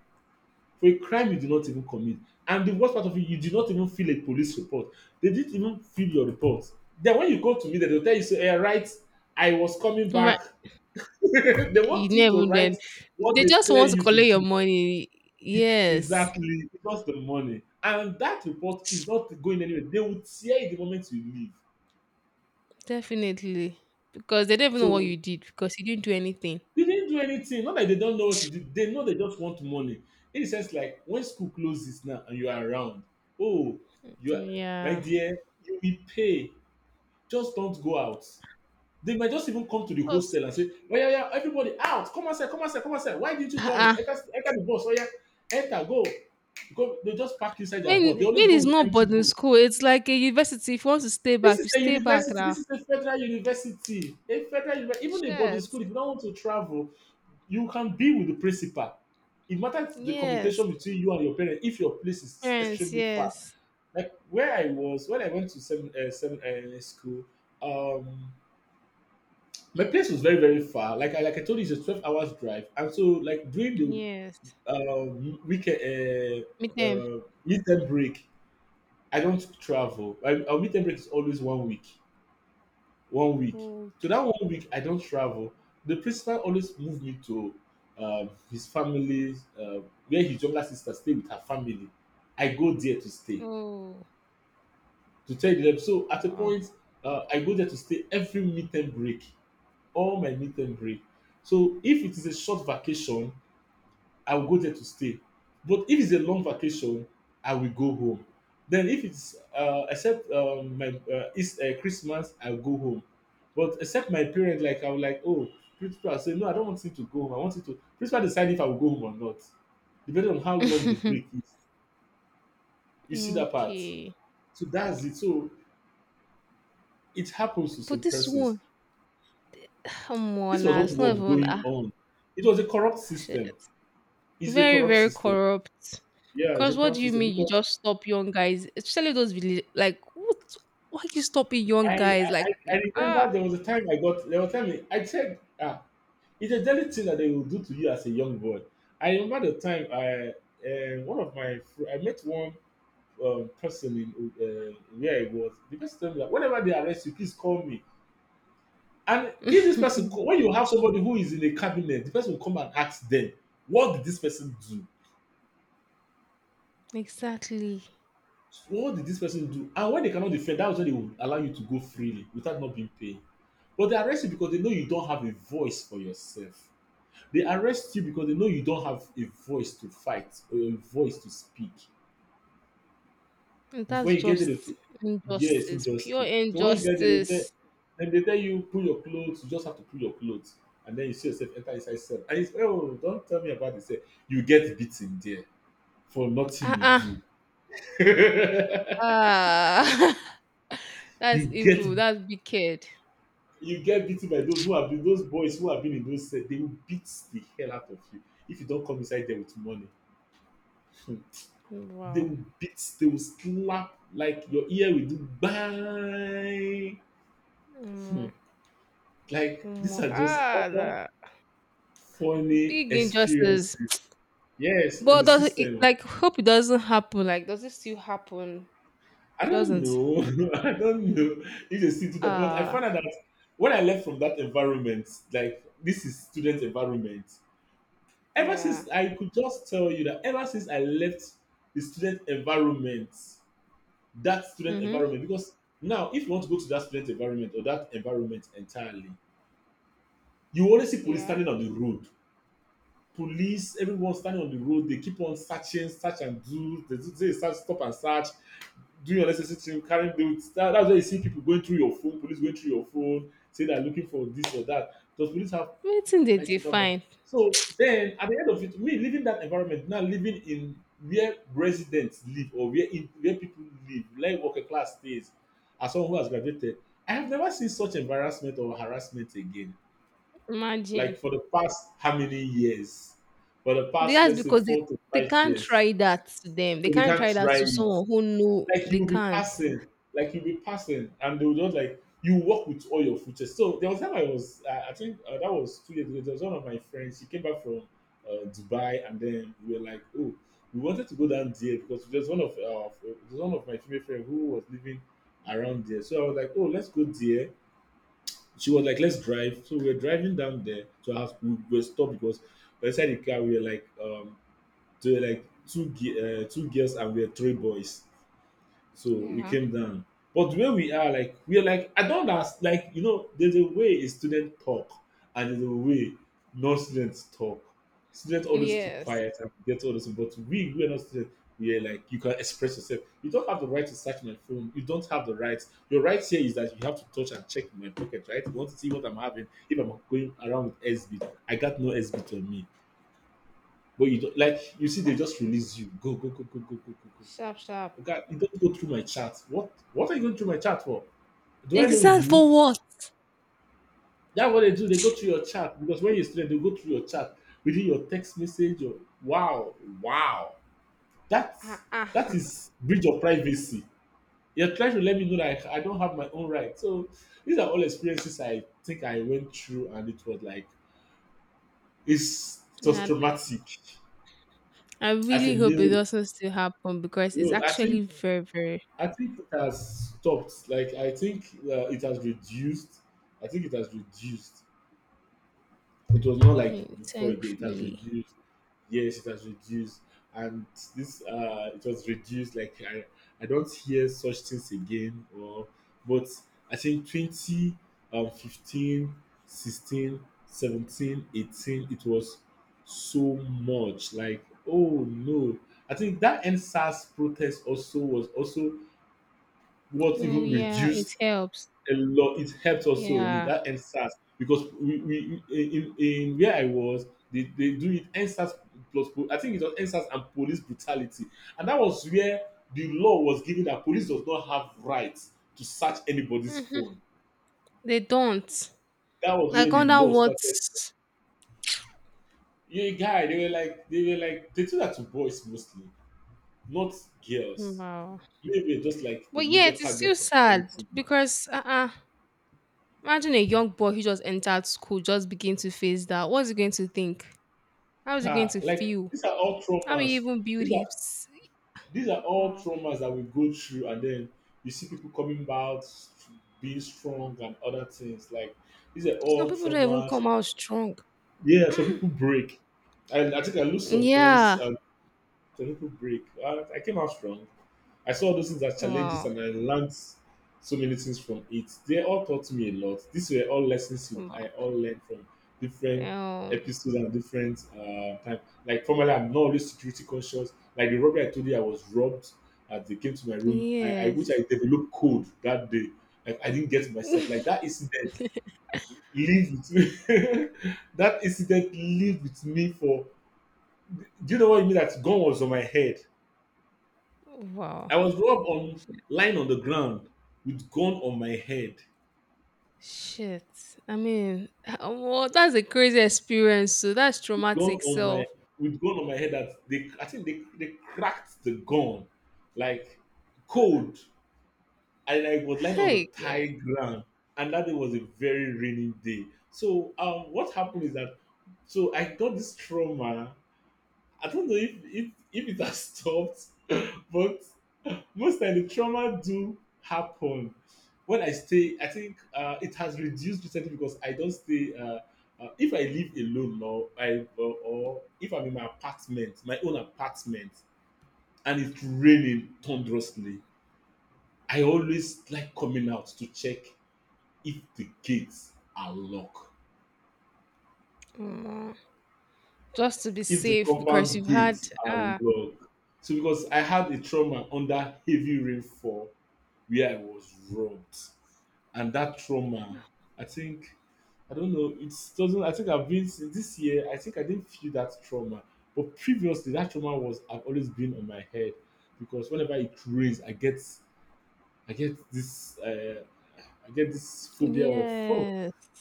B: for a crime you did not even commit. And the worst part of it, you did not even fill a police report. They didn't even fill your report. Then when you go to meet them, they'll tell you, say, hey, right, I was coming
A: Right.
B: back. They
A: You
B: want you to
A: never
B: write
A: then.
B: what
A: They
B: they
A: just
B: tell
A: want to
B: you to
A: collect your
B: do.
A: money. Yes,
B: Exactly, because the money. And that report is not going anywhere. They will tear it the moment you leave.
A: definitely. Because they don't even know what
B: So
A: you did because you didn't do anything.
B: they didn't do anything. Not like they don't know what you did. They know, they just want money. In a sense, like when school closes now and you are around, oh, you are, my
A: Yeah.
B: dear, you will pay. Just don't go out. They might just even come to the
A: Because
B: hostel and say, oh yeah, yeah, everybody out. Come outside, come outside, come outside. Why didn't you travel?
A: uh-uh.
B: Enter, enter the bus. Oh yeah, enter, go. Go. They just park inside their
A: When
B: bus. They always go
A: it's
B: with
A: not
B: empty
A: boarding
B: bus.
A: school, it's like a university. If you want to stay
B: This
A: back,
B: is
A: you
B: a
A: stay back
B: university. This
A: now.
B: is a federal university. A federal university. Even a boarding
A: Shit.
B: school, if you don't want to travel, you can be with the principal. It matters the
A: Yes.
B: communication between you and your parents if your place is
A: Parents,
B: extremely far.
A: yes.
B: Like where I was when I went to seven seven school, um, my place was very very far. Like I, like I told you, it's a 12 hours drive, and so like during the
A: Yes.
B: weekend
A: Meet them.
B: midterm break, I don't travel. I, our midterm break is always one week. One week.
A: Oh,
B: So that one week, I don't travel. The principal always moved me to his family, where his younger sister stay with her family. I go there to stay
A: oh
B: to tell them. So at a
A: wow.
B: point, I go there to stay every midterm break, all my midterm break. So if it is a short vacation, I will go there to stay. But if it's a long vacation, I will go home. Then if it's except my it's Christmas, I'll go home. But except my parents, like I was like, oh, principal, say no, I don't want you to go home. I want you to principal decide if I will go home or not, depending on how long the break is. You see that part.
A: Okay.
B: So that's it. So it happens to some
A: But this
B: persons.
A: one, come
B: This
A: on now,
B: was what
A: it's not
B: was
A: even
B: going
A: ah
B: on. It was a corrupt
A: shit.
B: system. It's a
A: Very,
B: corrupt
A: very
B: system.
A: corrupt.
B: Yeah, it's a
A: Because what
B: corrupt
A: do you
B: system
A: mean you
B: because
A: just stop young guys? Especially those village, like, what? Why you stopping young
B: I,
A: guys?
B: I I
A: Like,
B: I remember
A: ah.
B: there was a time I said, ah, it's a daily thing that they will do to you as a young boy. I remember the time I one of my I met one person in where it was. The person told me that whenever they arrest you, please call me. And if this person call, when you have somebody who is in a cabinet, the person will come and ask them, what did this person do?
A: Exactly.
B: What did this person do? And when they cannot defend, that's when they will allow you to go freely without not being paid. But they arrest you because they know you don't have a voice for yourself. They arrest you because they know you don't have a voice to fight or a voice to speak.
A: And
B: Before
A: that's
B: you get there, they
A: just
B: yes,
A: injustice,
B: injustice.
A: pure
B: So when you get there, they tell,
A: injustice.
B: then they tell you pull your clothes. You just have to pull your clothes, and then you see yourself enter inside cell. And it's, oh, don't tell me about this. You get beaten there for nothing
A: Ah,
B: you
A: ah,
B: do.
A: ah. That's
B: you get
A: evil. That's wicked.
B: you get beaten by those who have been, those boys who have been in those sets, they will beat the hell out of you if you don't come inside there with money. They
A: Wow.
B: will beat, they will slap, like your ear will do bang. Hmm.
A: Mm,
B: Like
A: mm,
B: these
A: mm.
B: are just
A: Ah,
B: all
A: that
B: funny
A: big injustice.
B: experiences, yes, in the
A: But does it,
B: system.
A: like hope it doesn't happen? Like, does it still happen?
B: I don't
A: Doesn't.
B: know. I don't know if they still do that, but I
A: Ah.
B: found out that when I left from that environment, like this is student environment. Ever
A: Yeah.
B: since, I could just tell you that ever since I left the student environment, that student
A: Mm-hmm.
B: environment, because now if you want to go to that student environment or that environment entirely, you always see police
A: Yeah.
B: standing on the road. Police, everyone standing on the road, they keep on searching, search and do, they search, stop and search, doing unnecessary thing, carrying bills. That's why you see people going through your phone, police going through your phone, say they're looking for this or that. Does police have
A: Waiting they
B: right? A...
A: define.
B: So then at the end of it, me leaving that environment, now living in where residents live or where in, where people live, like working class stays, as someone who has graduated, I have never seen such embarrassment or harassment again. Like
A: Imagine.
B: for the past how many years? For the past,
A: That's
B: let's say,
A: because
B: four to
A: they
B: five
A: can't
B: years.
A: try that to them. They
B: So they
A: can't
B: can't
A: try that
B: try
A: to
B: it,
A: someone who know
B: like
A: they
B: you'll be
A: can't.
B: passing, like you'll be passing, and they'll just like you walk with all your footsteps. So there was time I was, I think that was 2 years ago. There was one of my friends. She came back from Dubai, and then we were like, oh, we wanted to go down there because there's one of my female friends who was living around there. So I was like, oh, let's go there. She was like, let's drive. So we were driving down there to her house. We were stopped because inside the car we were like, there were like two two girls and we were three boys. So we
A: Yeah.
B: came down. But where we are, like we're like I don't ask, like, there's a way a student talk and there's a way non-students talk. Students always keep
A: Yes.
B: quiet and get all this, but we're not students. Yeah, like you can express yourself. You don't have the right to search my phone. You don't have the right. Your right here is that you have to touch and check my pocket, right? You want to see what I'm having. If I'm going around with SB, I got no SB on me. But you don't, like, you see, they just release you. Go, go, go, go, go, go, go, go.
A: Sharp, sharp.
B: Okay, you don't go through my chat. What are you going through my chat for? Do I know
A: Exact
B: you?
A: for what?
B: That's what they do. They go through your chat because when you're a student, they go through your chat within your text message. Or, wow, wow. That's
A: Ah, ah.
B: that is breach of privacy. You're trying to let me know that I don't have my own right. So these are all experiences I think I went through, and it was like it's just
A: Nah,
B: traumatic
A: I
B: as a
A: really hope it
B: male.
A: doesn't still happen because it's
B: You know,
A: actually very, very.
B: I think it has stopped. Like I think it has reduced. I think it has reduced. It was not
A: I
B: like
A: mean,
B: before again. It has
A: thankfully.
B: reduced. Yes, it has reduced. And this, it was reduced. Like I don't hear such things again. Or, but I think 20, 15, 16, 17, 18, it was so much. Like, oh no. I think that N SARS protest also was also what
A: Oh
B: even
A: yeah, it
B: reduced
A: helps.
B: a lot. It helped also with
A: Yeah.
B: that NSAS because we in where I was, they do it NSAS plus I think it was NSAS and police brutality, and that was where the law was given that police does not have rights to search anybody's
A: Hmm.
B: phone.
A: They don't.
B: That was where
A: Like
B: the
A: under
B: law
A: what?
B: started. Yeah, guy, they were like they do that to boys mostly, not girls.
A: Wow.
B: Maybe just like the
A: But
B: major
A: yet, it's still
B: target of
A: sad
B: everything.
A: because imagine a young boy who just entered school just begin to face that. What's he going to think? How is he going
B: Car,
A: to
B: like
A: feel?
B: these are all
A: How will he
B: traumas.
A: even build
B: These are.
A: his?
B: These are all
A: Wow.
B: traumas that we go through, and then you see people coming back, being strong, and other things. Like these are
A: Some
B: all
A: people don't even
B: traumas.
A: come out strong.
B: Yeah, some people break. I think I lose some friends,
A: Yeah.
B: and some people break. I came out strong. I saw all those things as challenges
A: Wow.
B: and I learned so many things from it. They all taught me a lot. These were all lessons
A: Wow.
B: I all learned from different
A: Damn.
B: episodes and different time. Like formerly, I'm not always security conscious. Like the robbery I told you, I was robbed as they came to my room. I wish
A: Yes.
B: I developed code that day. Like I didn't get myself like that incident. Live with me. That incident lived with me for. Do you know what I mean? That gun was on my head.
A: Wow.
B: I was robbed on, lying on the ground with gun on my head,
A: Shit. I mean, well, that's a crazy experience. So that's
B: gun
A: traumatic.
B: on my
A: So,
B: with gun on my head. That they, I think they cracked the gun, like cold, and I was lying on the
A: hey,
B: Thai
A: good.
B: ground. And that day was a very rainy day. So what happened is that so I got this trauma. I don't know if it has stopped, but most time the trauma do happen when I stay. I think it has reduced recently because I don't stay if I live alone, or I, or if I'm in my apartment, my own apartment, and it's raining thunderously, I always like coming out to check if the gates are locked,
A: Mm, just to be
B: if the
A: safe because
B: compound
A: you've had
B: gates are
A: ah
B: locked, so because I had a trauma under heavy rainfall where I was robbed. And that trauma, I think, I don't know. It's doesn't. I think I've been this year. I think I didn't feel that trauma, but previously that trauma was I've always been on my head because whenever it rains, I get, I get this uh, I get this phobia of, oh,
A: yes.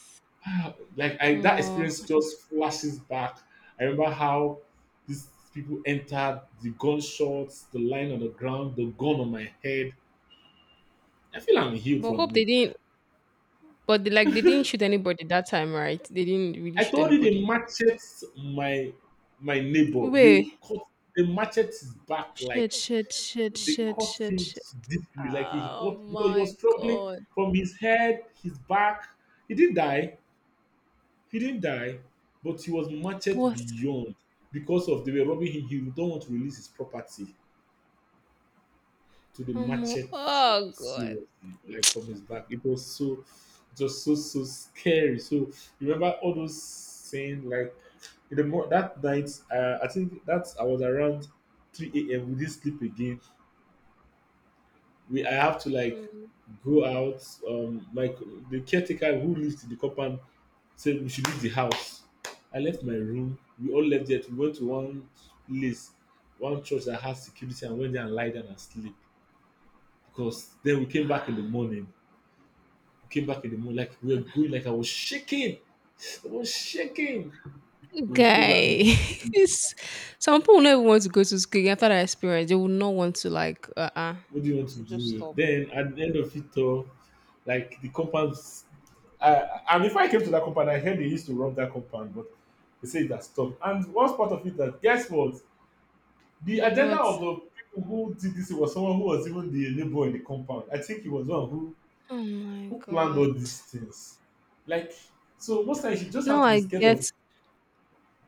B: ah, like I, that
A: Omo.
B: experience just flashes back. I remember how these people entered, the gunshots, the line on the ground, the gun on my head. I feel I'm healed
A: But
B: from
A: hope
B: it.
A: they didn't but they, like they didn't shoot anybody that time, right? They didn't really
B: I
A: shoot
B: told you they
A: anybody.
B: matchet my, my neighbor. They
A: Wait.
B: cut, they matchet his back, like
A: Shit, shit, shit,
B: they
A: shit,
B: cut
A: shit,
B: him
A: shit.
B: deeply, like he
A: Oh
B: got because he was
A: my
B: struggling
A: god.
B: from his head, his back. He didn't die. He didn't die, but he was matchet
A: But
B: beyond because of they were robbing him. He don't want to release his property to the
A: omo,
B: machete
A: oh god.
B: seriously, like from his back. It was so, it was so scary. So, remember all those scenes like in the that night. I think that I was around three a.m. We didn't sleep again. We, I have to like
A: Mm.
B: go out. Like the caretaker who lived in the compound said we should leave the house. I left my room. We all left it. We went to one place, one church that has security, and went there and lie down and sleep. Because then we came back in the morning. We came back in the morning, like we were going, like I was shaking. I was shaking. We came back in
A: Guy.
B: the morning.
A: It's, some people never want to go to school after that experience. They will not want to like
B: What do you want to
A: just
B: do?
A: stop.
B: Then at the end of it all, like the compound, and before I came to that compound, I heard they used to rob that compound, but they say it has stopped. And what's part of it, that guess what? The agenda of
A: What?
B: the people who did this was someone who was even the neighbor in the compound. I think he was one
A: Oh my
B: who planned
A: god.
B: all these things. Like so, most times you just have
A: Now
B: to be
A: I
B: scared
A: get
B: of.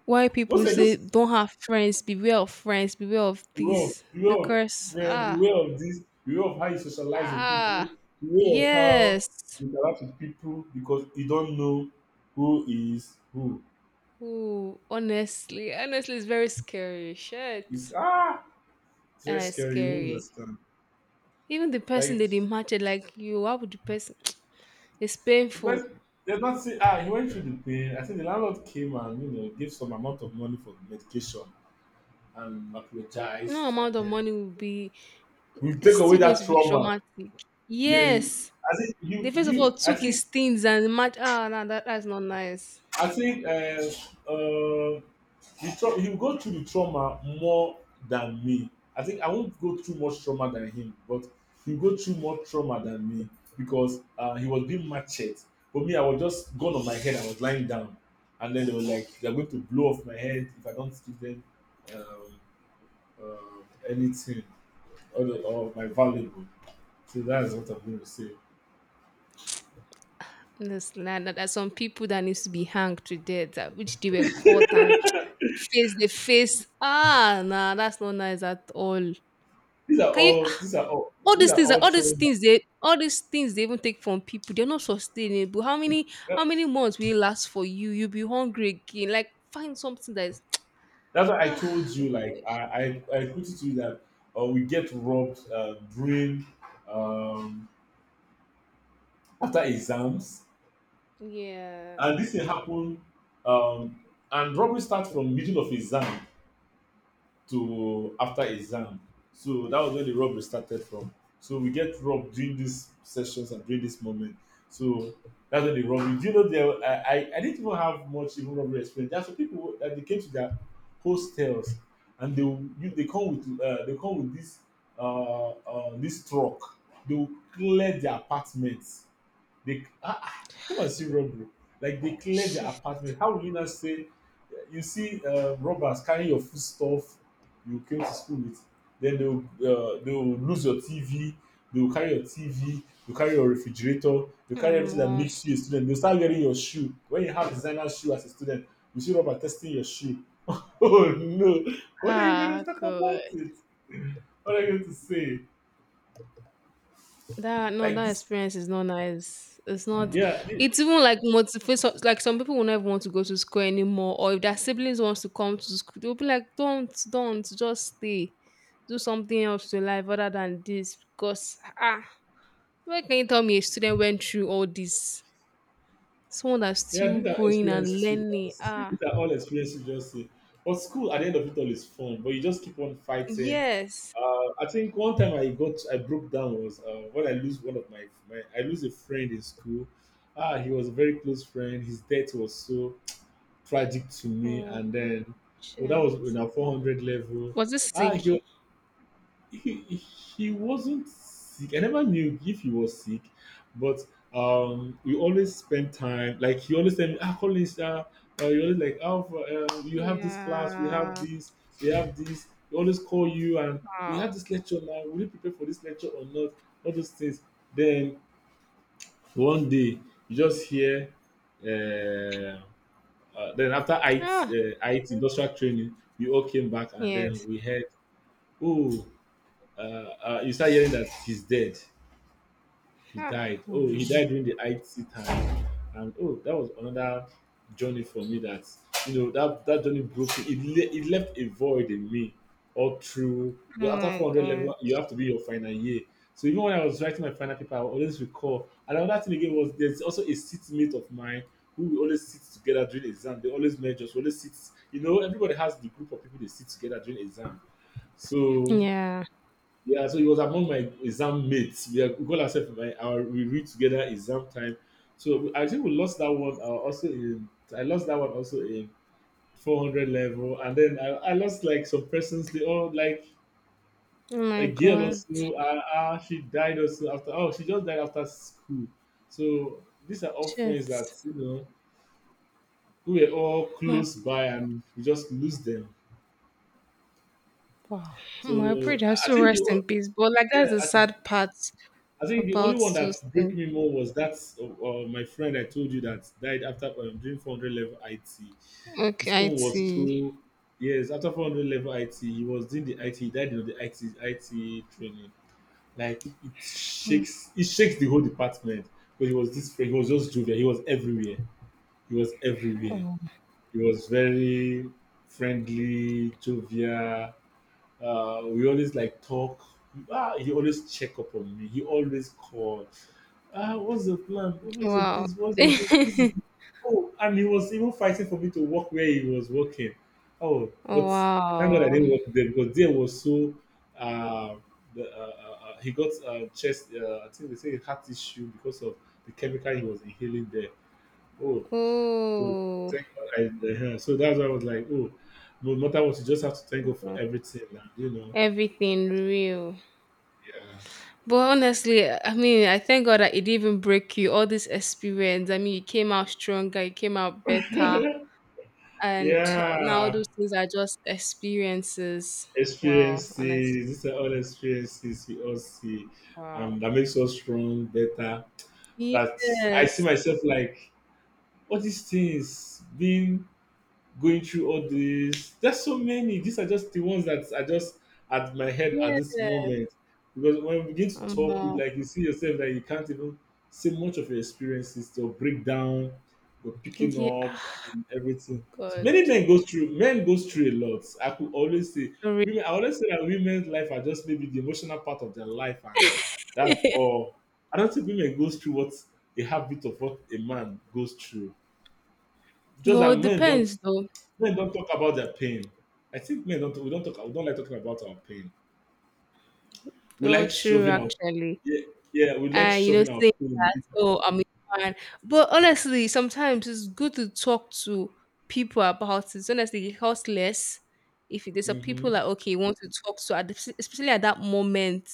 A: why
B: Those
A: people
B: are
A: say
B: just
A: don't have friends, beware of this
B: the way of
A: because
B: friend,
A: ah
B: the of this, the way of how you socialize with people,
A: ah
B: the way of how
A: yes.
B: you interact with people, because you don't know who is who.
A: Ooh, honestly, honestly, it's very scary.
B: It's
A: Shit,
B: ah, it's very scary. You won't
A: scary.
B: understand.
A: Even the person
B: Like
A: that they matched, like you, how would the person? It's
B: the
A: painful.
B: person, they not say, ah, he went through the pain. I think the landlord came and you know gave some amount of money for medication and
A: No
B: apologized, and
A: amount of
B: then
A: money will be.
B: we
A: It's
B: take away
A: still going
B: that
A: to be
B: trauma.
A: traumatic.
B: Yeah,
A: Yes,
B: I think you
A: the first of all
B: you I
A: took
B: think,
A: his things and match. Ah, no, that that's not nice.
B: I think uh, uh, the he'll go through the trauma more than me. I think I won't go through much trauma than him, but he'll go through more trauma than me because he was being machete. But me, I was just gone on my head. I was lying down, and then they were like, "They're going to blow off my head if I don't give them um, anything, or my valuable." So that is what I'm going to say.
A: This land there are some people that needs to be hanged to death, which they were caught and face the face. Ah, nah, that's not nice at all.
B: These are
A: Can you?
B: all. These are all.
A: All
B: These
A: these
B: are
A: things, are-
B: all
A: all these
B: trauma.
A: things, they, all these things they even take from people. They're not sustainable. How many months will it last for you? You'll be hungry again. Like find something that is.
B: That's why I told
A: Ah,
B: you, like
A: gosh.
B: I put it to you that we get robbed during um, after exams,
A: Yeah.
B: and this thing happen, um, and robbery starts from middle of exam to after exam. So that was where the rub started from. So we get rub during these sessions and during this moment. So that's where the rub. Do you know there? I didn't even have much even rubbery experience. There are some people that they came to their hostels and they will, you, they come with this this truck. They will clear their apartments, they ah, come and see robbery. Like they cleared the
A: Shit.
B: apartment. How will you not say? You see robbers carrying your food stuff you came to school with. Then they will lose your TV. They will carry your TV. You carry your refrigerator. You carry everything that
A: Um,
B: makes you a student. They'll start wearing your shoe. When you have designer shoe as a student, you see robber testing your shoe. Oh no! What are you going
A: ah,
B: to talk about
A: good.
B: it? What are you going to say?
A: That no,
B: Like
A: that
B: this?
A: experience is not nice. It's not.
B: Yeah,
A: It's even like motivation. Like some people will never want to go to school anymore, or if their siblings wants to come to school, they'll be like, don't, just stay, do something else to life other than this." Because ah, where can you tell me a student went through all this? Someone that's
B: Yeah,
A: still
B: these are
A: growing and
B: experiences we
A: learning.
B: just see. These
A: Ah,
B: are all experiences we just see. But school at the end of it all is fun, but you just keep on fighting.
A: yes.
B: I think one time I broke down was when I lose one of my, I lose a friend in school. Ah, he was a very close friend. His death was so tragic to me,
A: Oh
B: and then, oh, that was in
A: shit.
B: our 400 level.
A: Was this
B: Ah,
A: sick?
B: he he wasn't sick. I never knew if he was sick, but we always spend time. Like he always tell me, "Ah, Collins, you always like, oh, you have this class, we have
A: Yeah.
B: this, we have this." He always call you and we
A: Ah.
B: have this lecture now. Will you prepare for this lecture or not? All those things. Then one day you just hear. Uh, then after
A: Ah.
B: IT, IT industrial training, we all came back and then
A: Yes.
B: we heard, "Oh." You start hearing that he's dead. He
A: Ah.
B: died. Oh, he died during the IT time. And oh, that was another journey for me that, you know, that journey broke me. It, it left a void in me all through.
A: Oh
B: Because after
A: my
B: 400 level,
A: god.
B: you have to be your final year. So even when I was writing my final paper, I would always recall. And another thing again was there's also a seatmate of mine who we always sit together during exam. They always merge us. We always sit. You know, everybody has the group of people they sit together during exam. So
A: Yeah.
B: yeah, so he was among my exam mates. We, are, we call ourselves my our we read together exam time. So I think we lost that one. Also in I lost that one also in 400 level, and then I lost like some persons. They all like
A: Oh
B: a
A: my
B: girl
A: god.
B: also. She died also after. Oh, she just died after school. So these are all friends that
A: Shit.
B: you know who were all
A: My
B: close by, and we just lose them.
A: wow. My prayer
B: So
A: has
B: I
A: to
B: think the
A: rest in peace. But like
B: yeah,
A: that's the
B: I think,
A: sad part
B: I think the only
A: about
B: one that
A: those
B: break
A: things.
B: me more was that my friend I told you that died after during 400 level IT.
A: Okay,
B: His
A: I
B: own was
A: see.
B: so, yes, after 400 level IT he was doing the IT. He died in the IT training, like it shakes, it shakes the whole department because he was this friend, he was just jovial, he was everywhere, he was everywhere,
A: Oh
B: he was very friendly, jovial, we always like talk. Ah, he always check up on me. He always call. Ah, what's the plan? What's the
A: wow.
B: this? What's the this? And he was even fighting for me to work where he was working. Oh, but thank God
A: Wow.
B: I didn't work there because there was so. Uh, the he got chest. I think they say heart issue because of the chemical he was inhaling there. Oh, so
A: Oh
B: thank God I. So that's why I was like, oh, no matter what, you just have to thank God for
A: wow.
B: everything, and you know
A: Everything real. But honestly, I mean, I thank God that it didn't break you all this experience. I mean, you came out stronger, you came out better.
B: yeah
A: And now
B: yeah.
A: those things are just experiences. Wow,
B: experiences
A: honestly.
B: these are all experiences we all see
A: Wow.
B: and that makes us strong better that I see
A: Yes.
B: myself like all these things being going through all this, There's so many. These are just the ones that are just at my head at this
A: Yes.
B: moment. Because when we begin to
A: Um,
B: talk, you
A: uh,
B: like you see yourself that you can't even say much of your experiences, your breakdown, your picking
A: yeah.
B: up
A: Ah,
B: and everything. So
A: God.
B: many men go through men goes through a lot. I could always say,
A: Sorry.
B: women, I always say that women's life are just maybe the emotional part of their life and that's all. I don't think women goes through what a habit of what a man goes through. Just
A: Well,
B: that
A: it depends though.
B: men don't talk about their pain. I think men don't, we don't talk we don't like talking about our pain. We
A: Well,
B: like
A: true
B: shoving our
A: actually.
B: yeah, yeah, we like
A: And you know,
B: shoving our
A: saying that,
B: pain.
A: oh, I'm a fan. But honestly, sometimes it's good to talk to people about it. Honestly, it costs less if there's a people
B: Mhm.
A: like okay, you want to talk to at the- especially at that moment.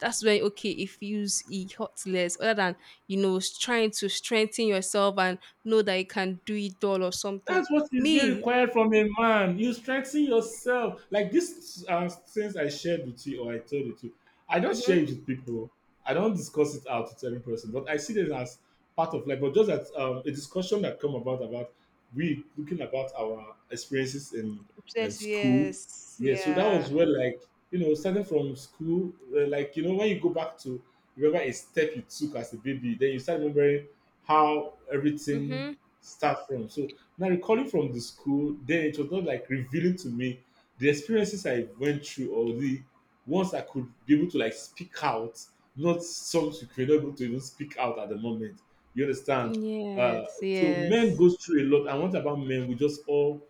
A: That's when, okay, if you use it hot less other than trying to strengthen yourself and know that you can do it all or something.
B: That's what is being
A: Me
B: required from a man. You strengthen yourself. Like these things I shared with you or I told you to, I don't share
A: mm-hmm.
B: it with people. I don't discuss it out with every person, but I see this as part of life. But just that a discussion that come about we looking about our experiences in
A: Yes,
B: school.
A: yes,
B: Yeah, so that was
A: yeah.
B: where like you know starting from school, like you know when you go back to remember a step you took as a baby, then you start remembering how everything
A: Mm-hmm.
B: start from. So now, recalling from the school, then it was not like revealing to me the experiences I went through or the ones I could be able to like speak out, not some you could not able to even speak out at the moment. You understand? Uh,
A: Yes,
B: so
A: yes.
B: men goes through a lot. And what about men? We just all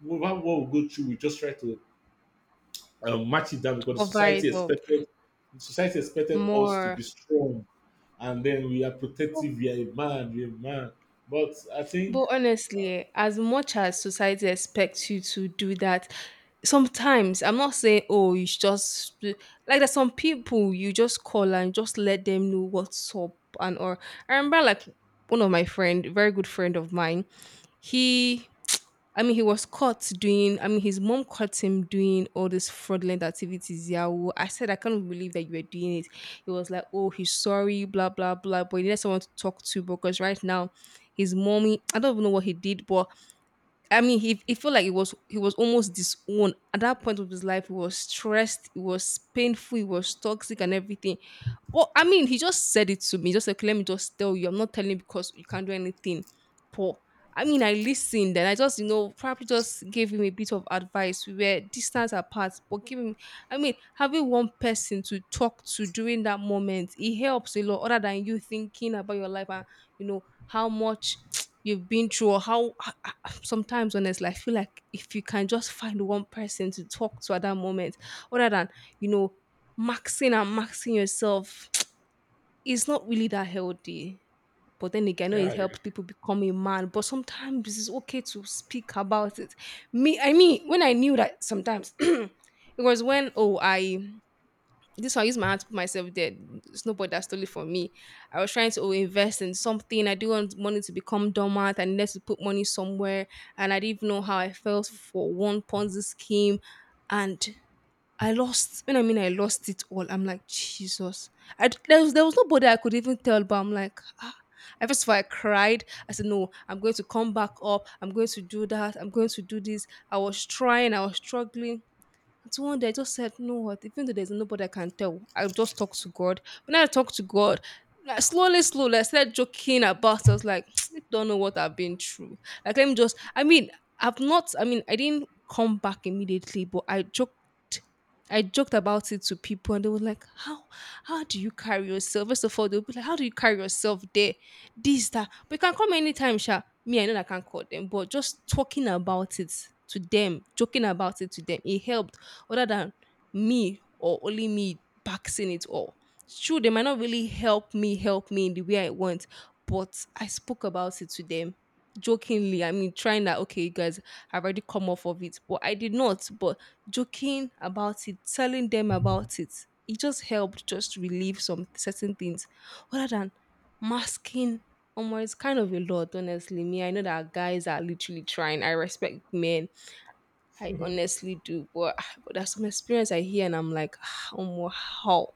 B: what we go through, we just try to match it down because the
A: Cover it up
B: society expected us to
A: more.
B: be strong, and then we are protective. We are a man. We are a man. But I think,
A: But
B: uh,
A: honestly, eh, as much as society expects you to do that, sometimes I'm not saying, oh, you should just do-" like there's some people you just call and just let them know what's up and or I remember like one of my friend, very good friend of mine, he I mean, he was caught doing, his mom caught him doing all these fraudulent activities. Yahoo. I said, I can't believe that you were doing it. He was like, oh, he's sorry, blah, blah, blah. But he needed someone to talk to because right now, his mommy, I don't even know what he did, but I mean, he felt like he was almost disowned at that point of his life. He was stressed, it was painful, it was toxic, and everything. Well, I mean, he just said it to me. He just like, let me just tell you, I'm not telling you because you can't do anything. Poor. I mean, I listened and I just, you know, probably just gave him a bit of advice. We were distance apart, but giving, I mean, having one person to talk to during that moment, it helps a lot other than you thinking about your life and, you know, how much you've been through or how sometimes honestly, I feel like if you can just find one person to talk to at that moment, other than, you know, maxing and maxing yourself, it's not really that healthy. But then again, I know it
B: yeah.
A: helps people become a man. But sometimes it's okay to speak about it. Me, I mean, when I knew that sometimes it was when oh I this one, I use my hand to put myself there. It's nobody that stole it from me. I was trying to, oh, invest in something. I didn't want money to become dormant. I needed to put money somewhere. And I didn't even know how I felt for one Ponzi scheme. And I lost, when I mean I lost it all, I'm like, Jesus. I, d- there was nobody I could even tell, but I'm like, ah. I first of all, I cried. I said, no, I'm going to come back up. I'm going to do that. I'm going to do this. I was trying. I was struggling. And so one day I just said, you know what? Even though there's nobody I can tell, I'll just talk to God. When I talk to God, like slowly, slowly, I started joking about it. I was like, I don't know what I've been through. Like, let me just, I mean, I've not, I mean, I didn't come back immediately, but I joked. I joked about it to people and they were like, how do you carry yourself? First of all, they'll be like, how do you carry yourself there? This, that. But you can come anytime, Sha. Me, I know that I can call them, but just talking about it to them, joking about it to them, it helped other than me or only me boxing it all. It's true, they might not really help me in the way I want, but I spoke about it to them jokingly. I mean, trying that, okay, you guys, I've already come off of it, but I did not. But joking about it, telling them about it, it just helped just relieve some certain things other than masking. It's kind of a lot, honestly. Me, I know that guys are literally trying. I respect men, I
B: Yeah.
A: honestly do, but there's some experience I hear and I'm like, how?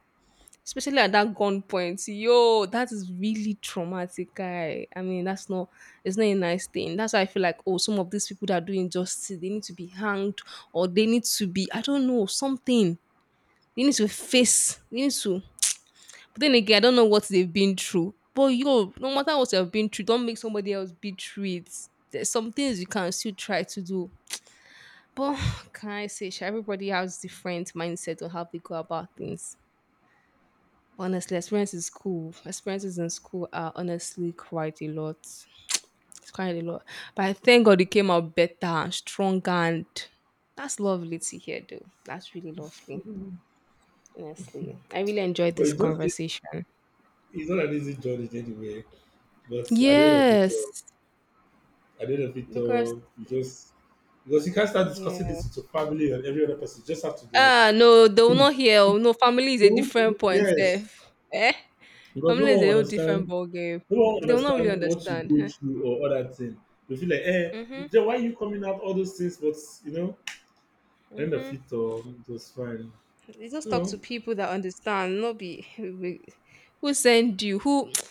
A: Especially at that gunpoint, yo, that is really traumatic, guy. I mean, that's not, it's not a nice thing. That's why I feel like, oh, some of these people that are doing justice, they need to be hanged or they need to be, I don't know, something. They need to face, they need to. But then again, I don't know what they've been through. But yo, no matter what you've been through, don't make somebody else be through it. There's some things you can still try to do, but can I say, sha, everybody has different mindset on how they go about things. Honestly, experiences school, experiences in school are honestly quite a lot. It's quite a lot. But I thank God it came out better and stronger, and that's lovely to hear, though. That's really lovely. Honestly, I really enjoyed
B: But
A: this
B: it's not,
A: conversation.
B: it's not an easy journey anyway. But
A: Yes,
B: at the end of it
A: because
B: all, you just, because you can't start discussing
A: yeah.
B: this with your family and every other person. You just have to like,
A: Ah, no, they will not hear. Oh, no, family is a
B: don't,
A: different point,
B: yes.
A: Seth. Eh?
B: Because
A: Family is a whole different ball game.
B: no one will
A: They will not really
B: understand what you
A: understand.
B: go through or other thing. You feel like, eh,
A: Mhm,
B: then why you coming out all those things? But you know, at the end of
A: mhm.
B: it all, it was fine.
A: You just talk
B: So
A: to people that understand. Not be we- who send you. Who?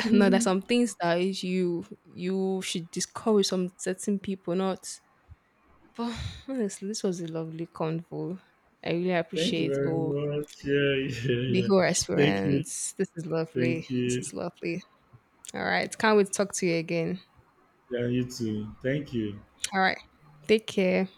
A: No, there's some things that is you should discourage some certain people. Not. But honestly, this was a lovely convo. I really
B: thank you
A: appreciate
B: very
A: all
B: much. Yeah, yeah,
A: the
B: yeah.
A: whole
B: Thank you.
A: experience. This is lovely.
B: Thank
A: This
B: you.
A: is lovely. All right. Can't wait to talk to you again.
B: Yeah, you too. Thank you.
A: All right. Take care.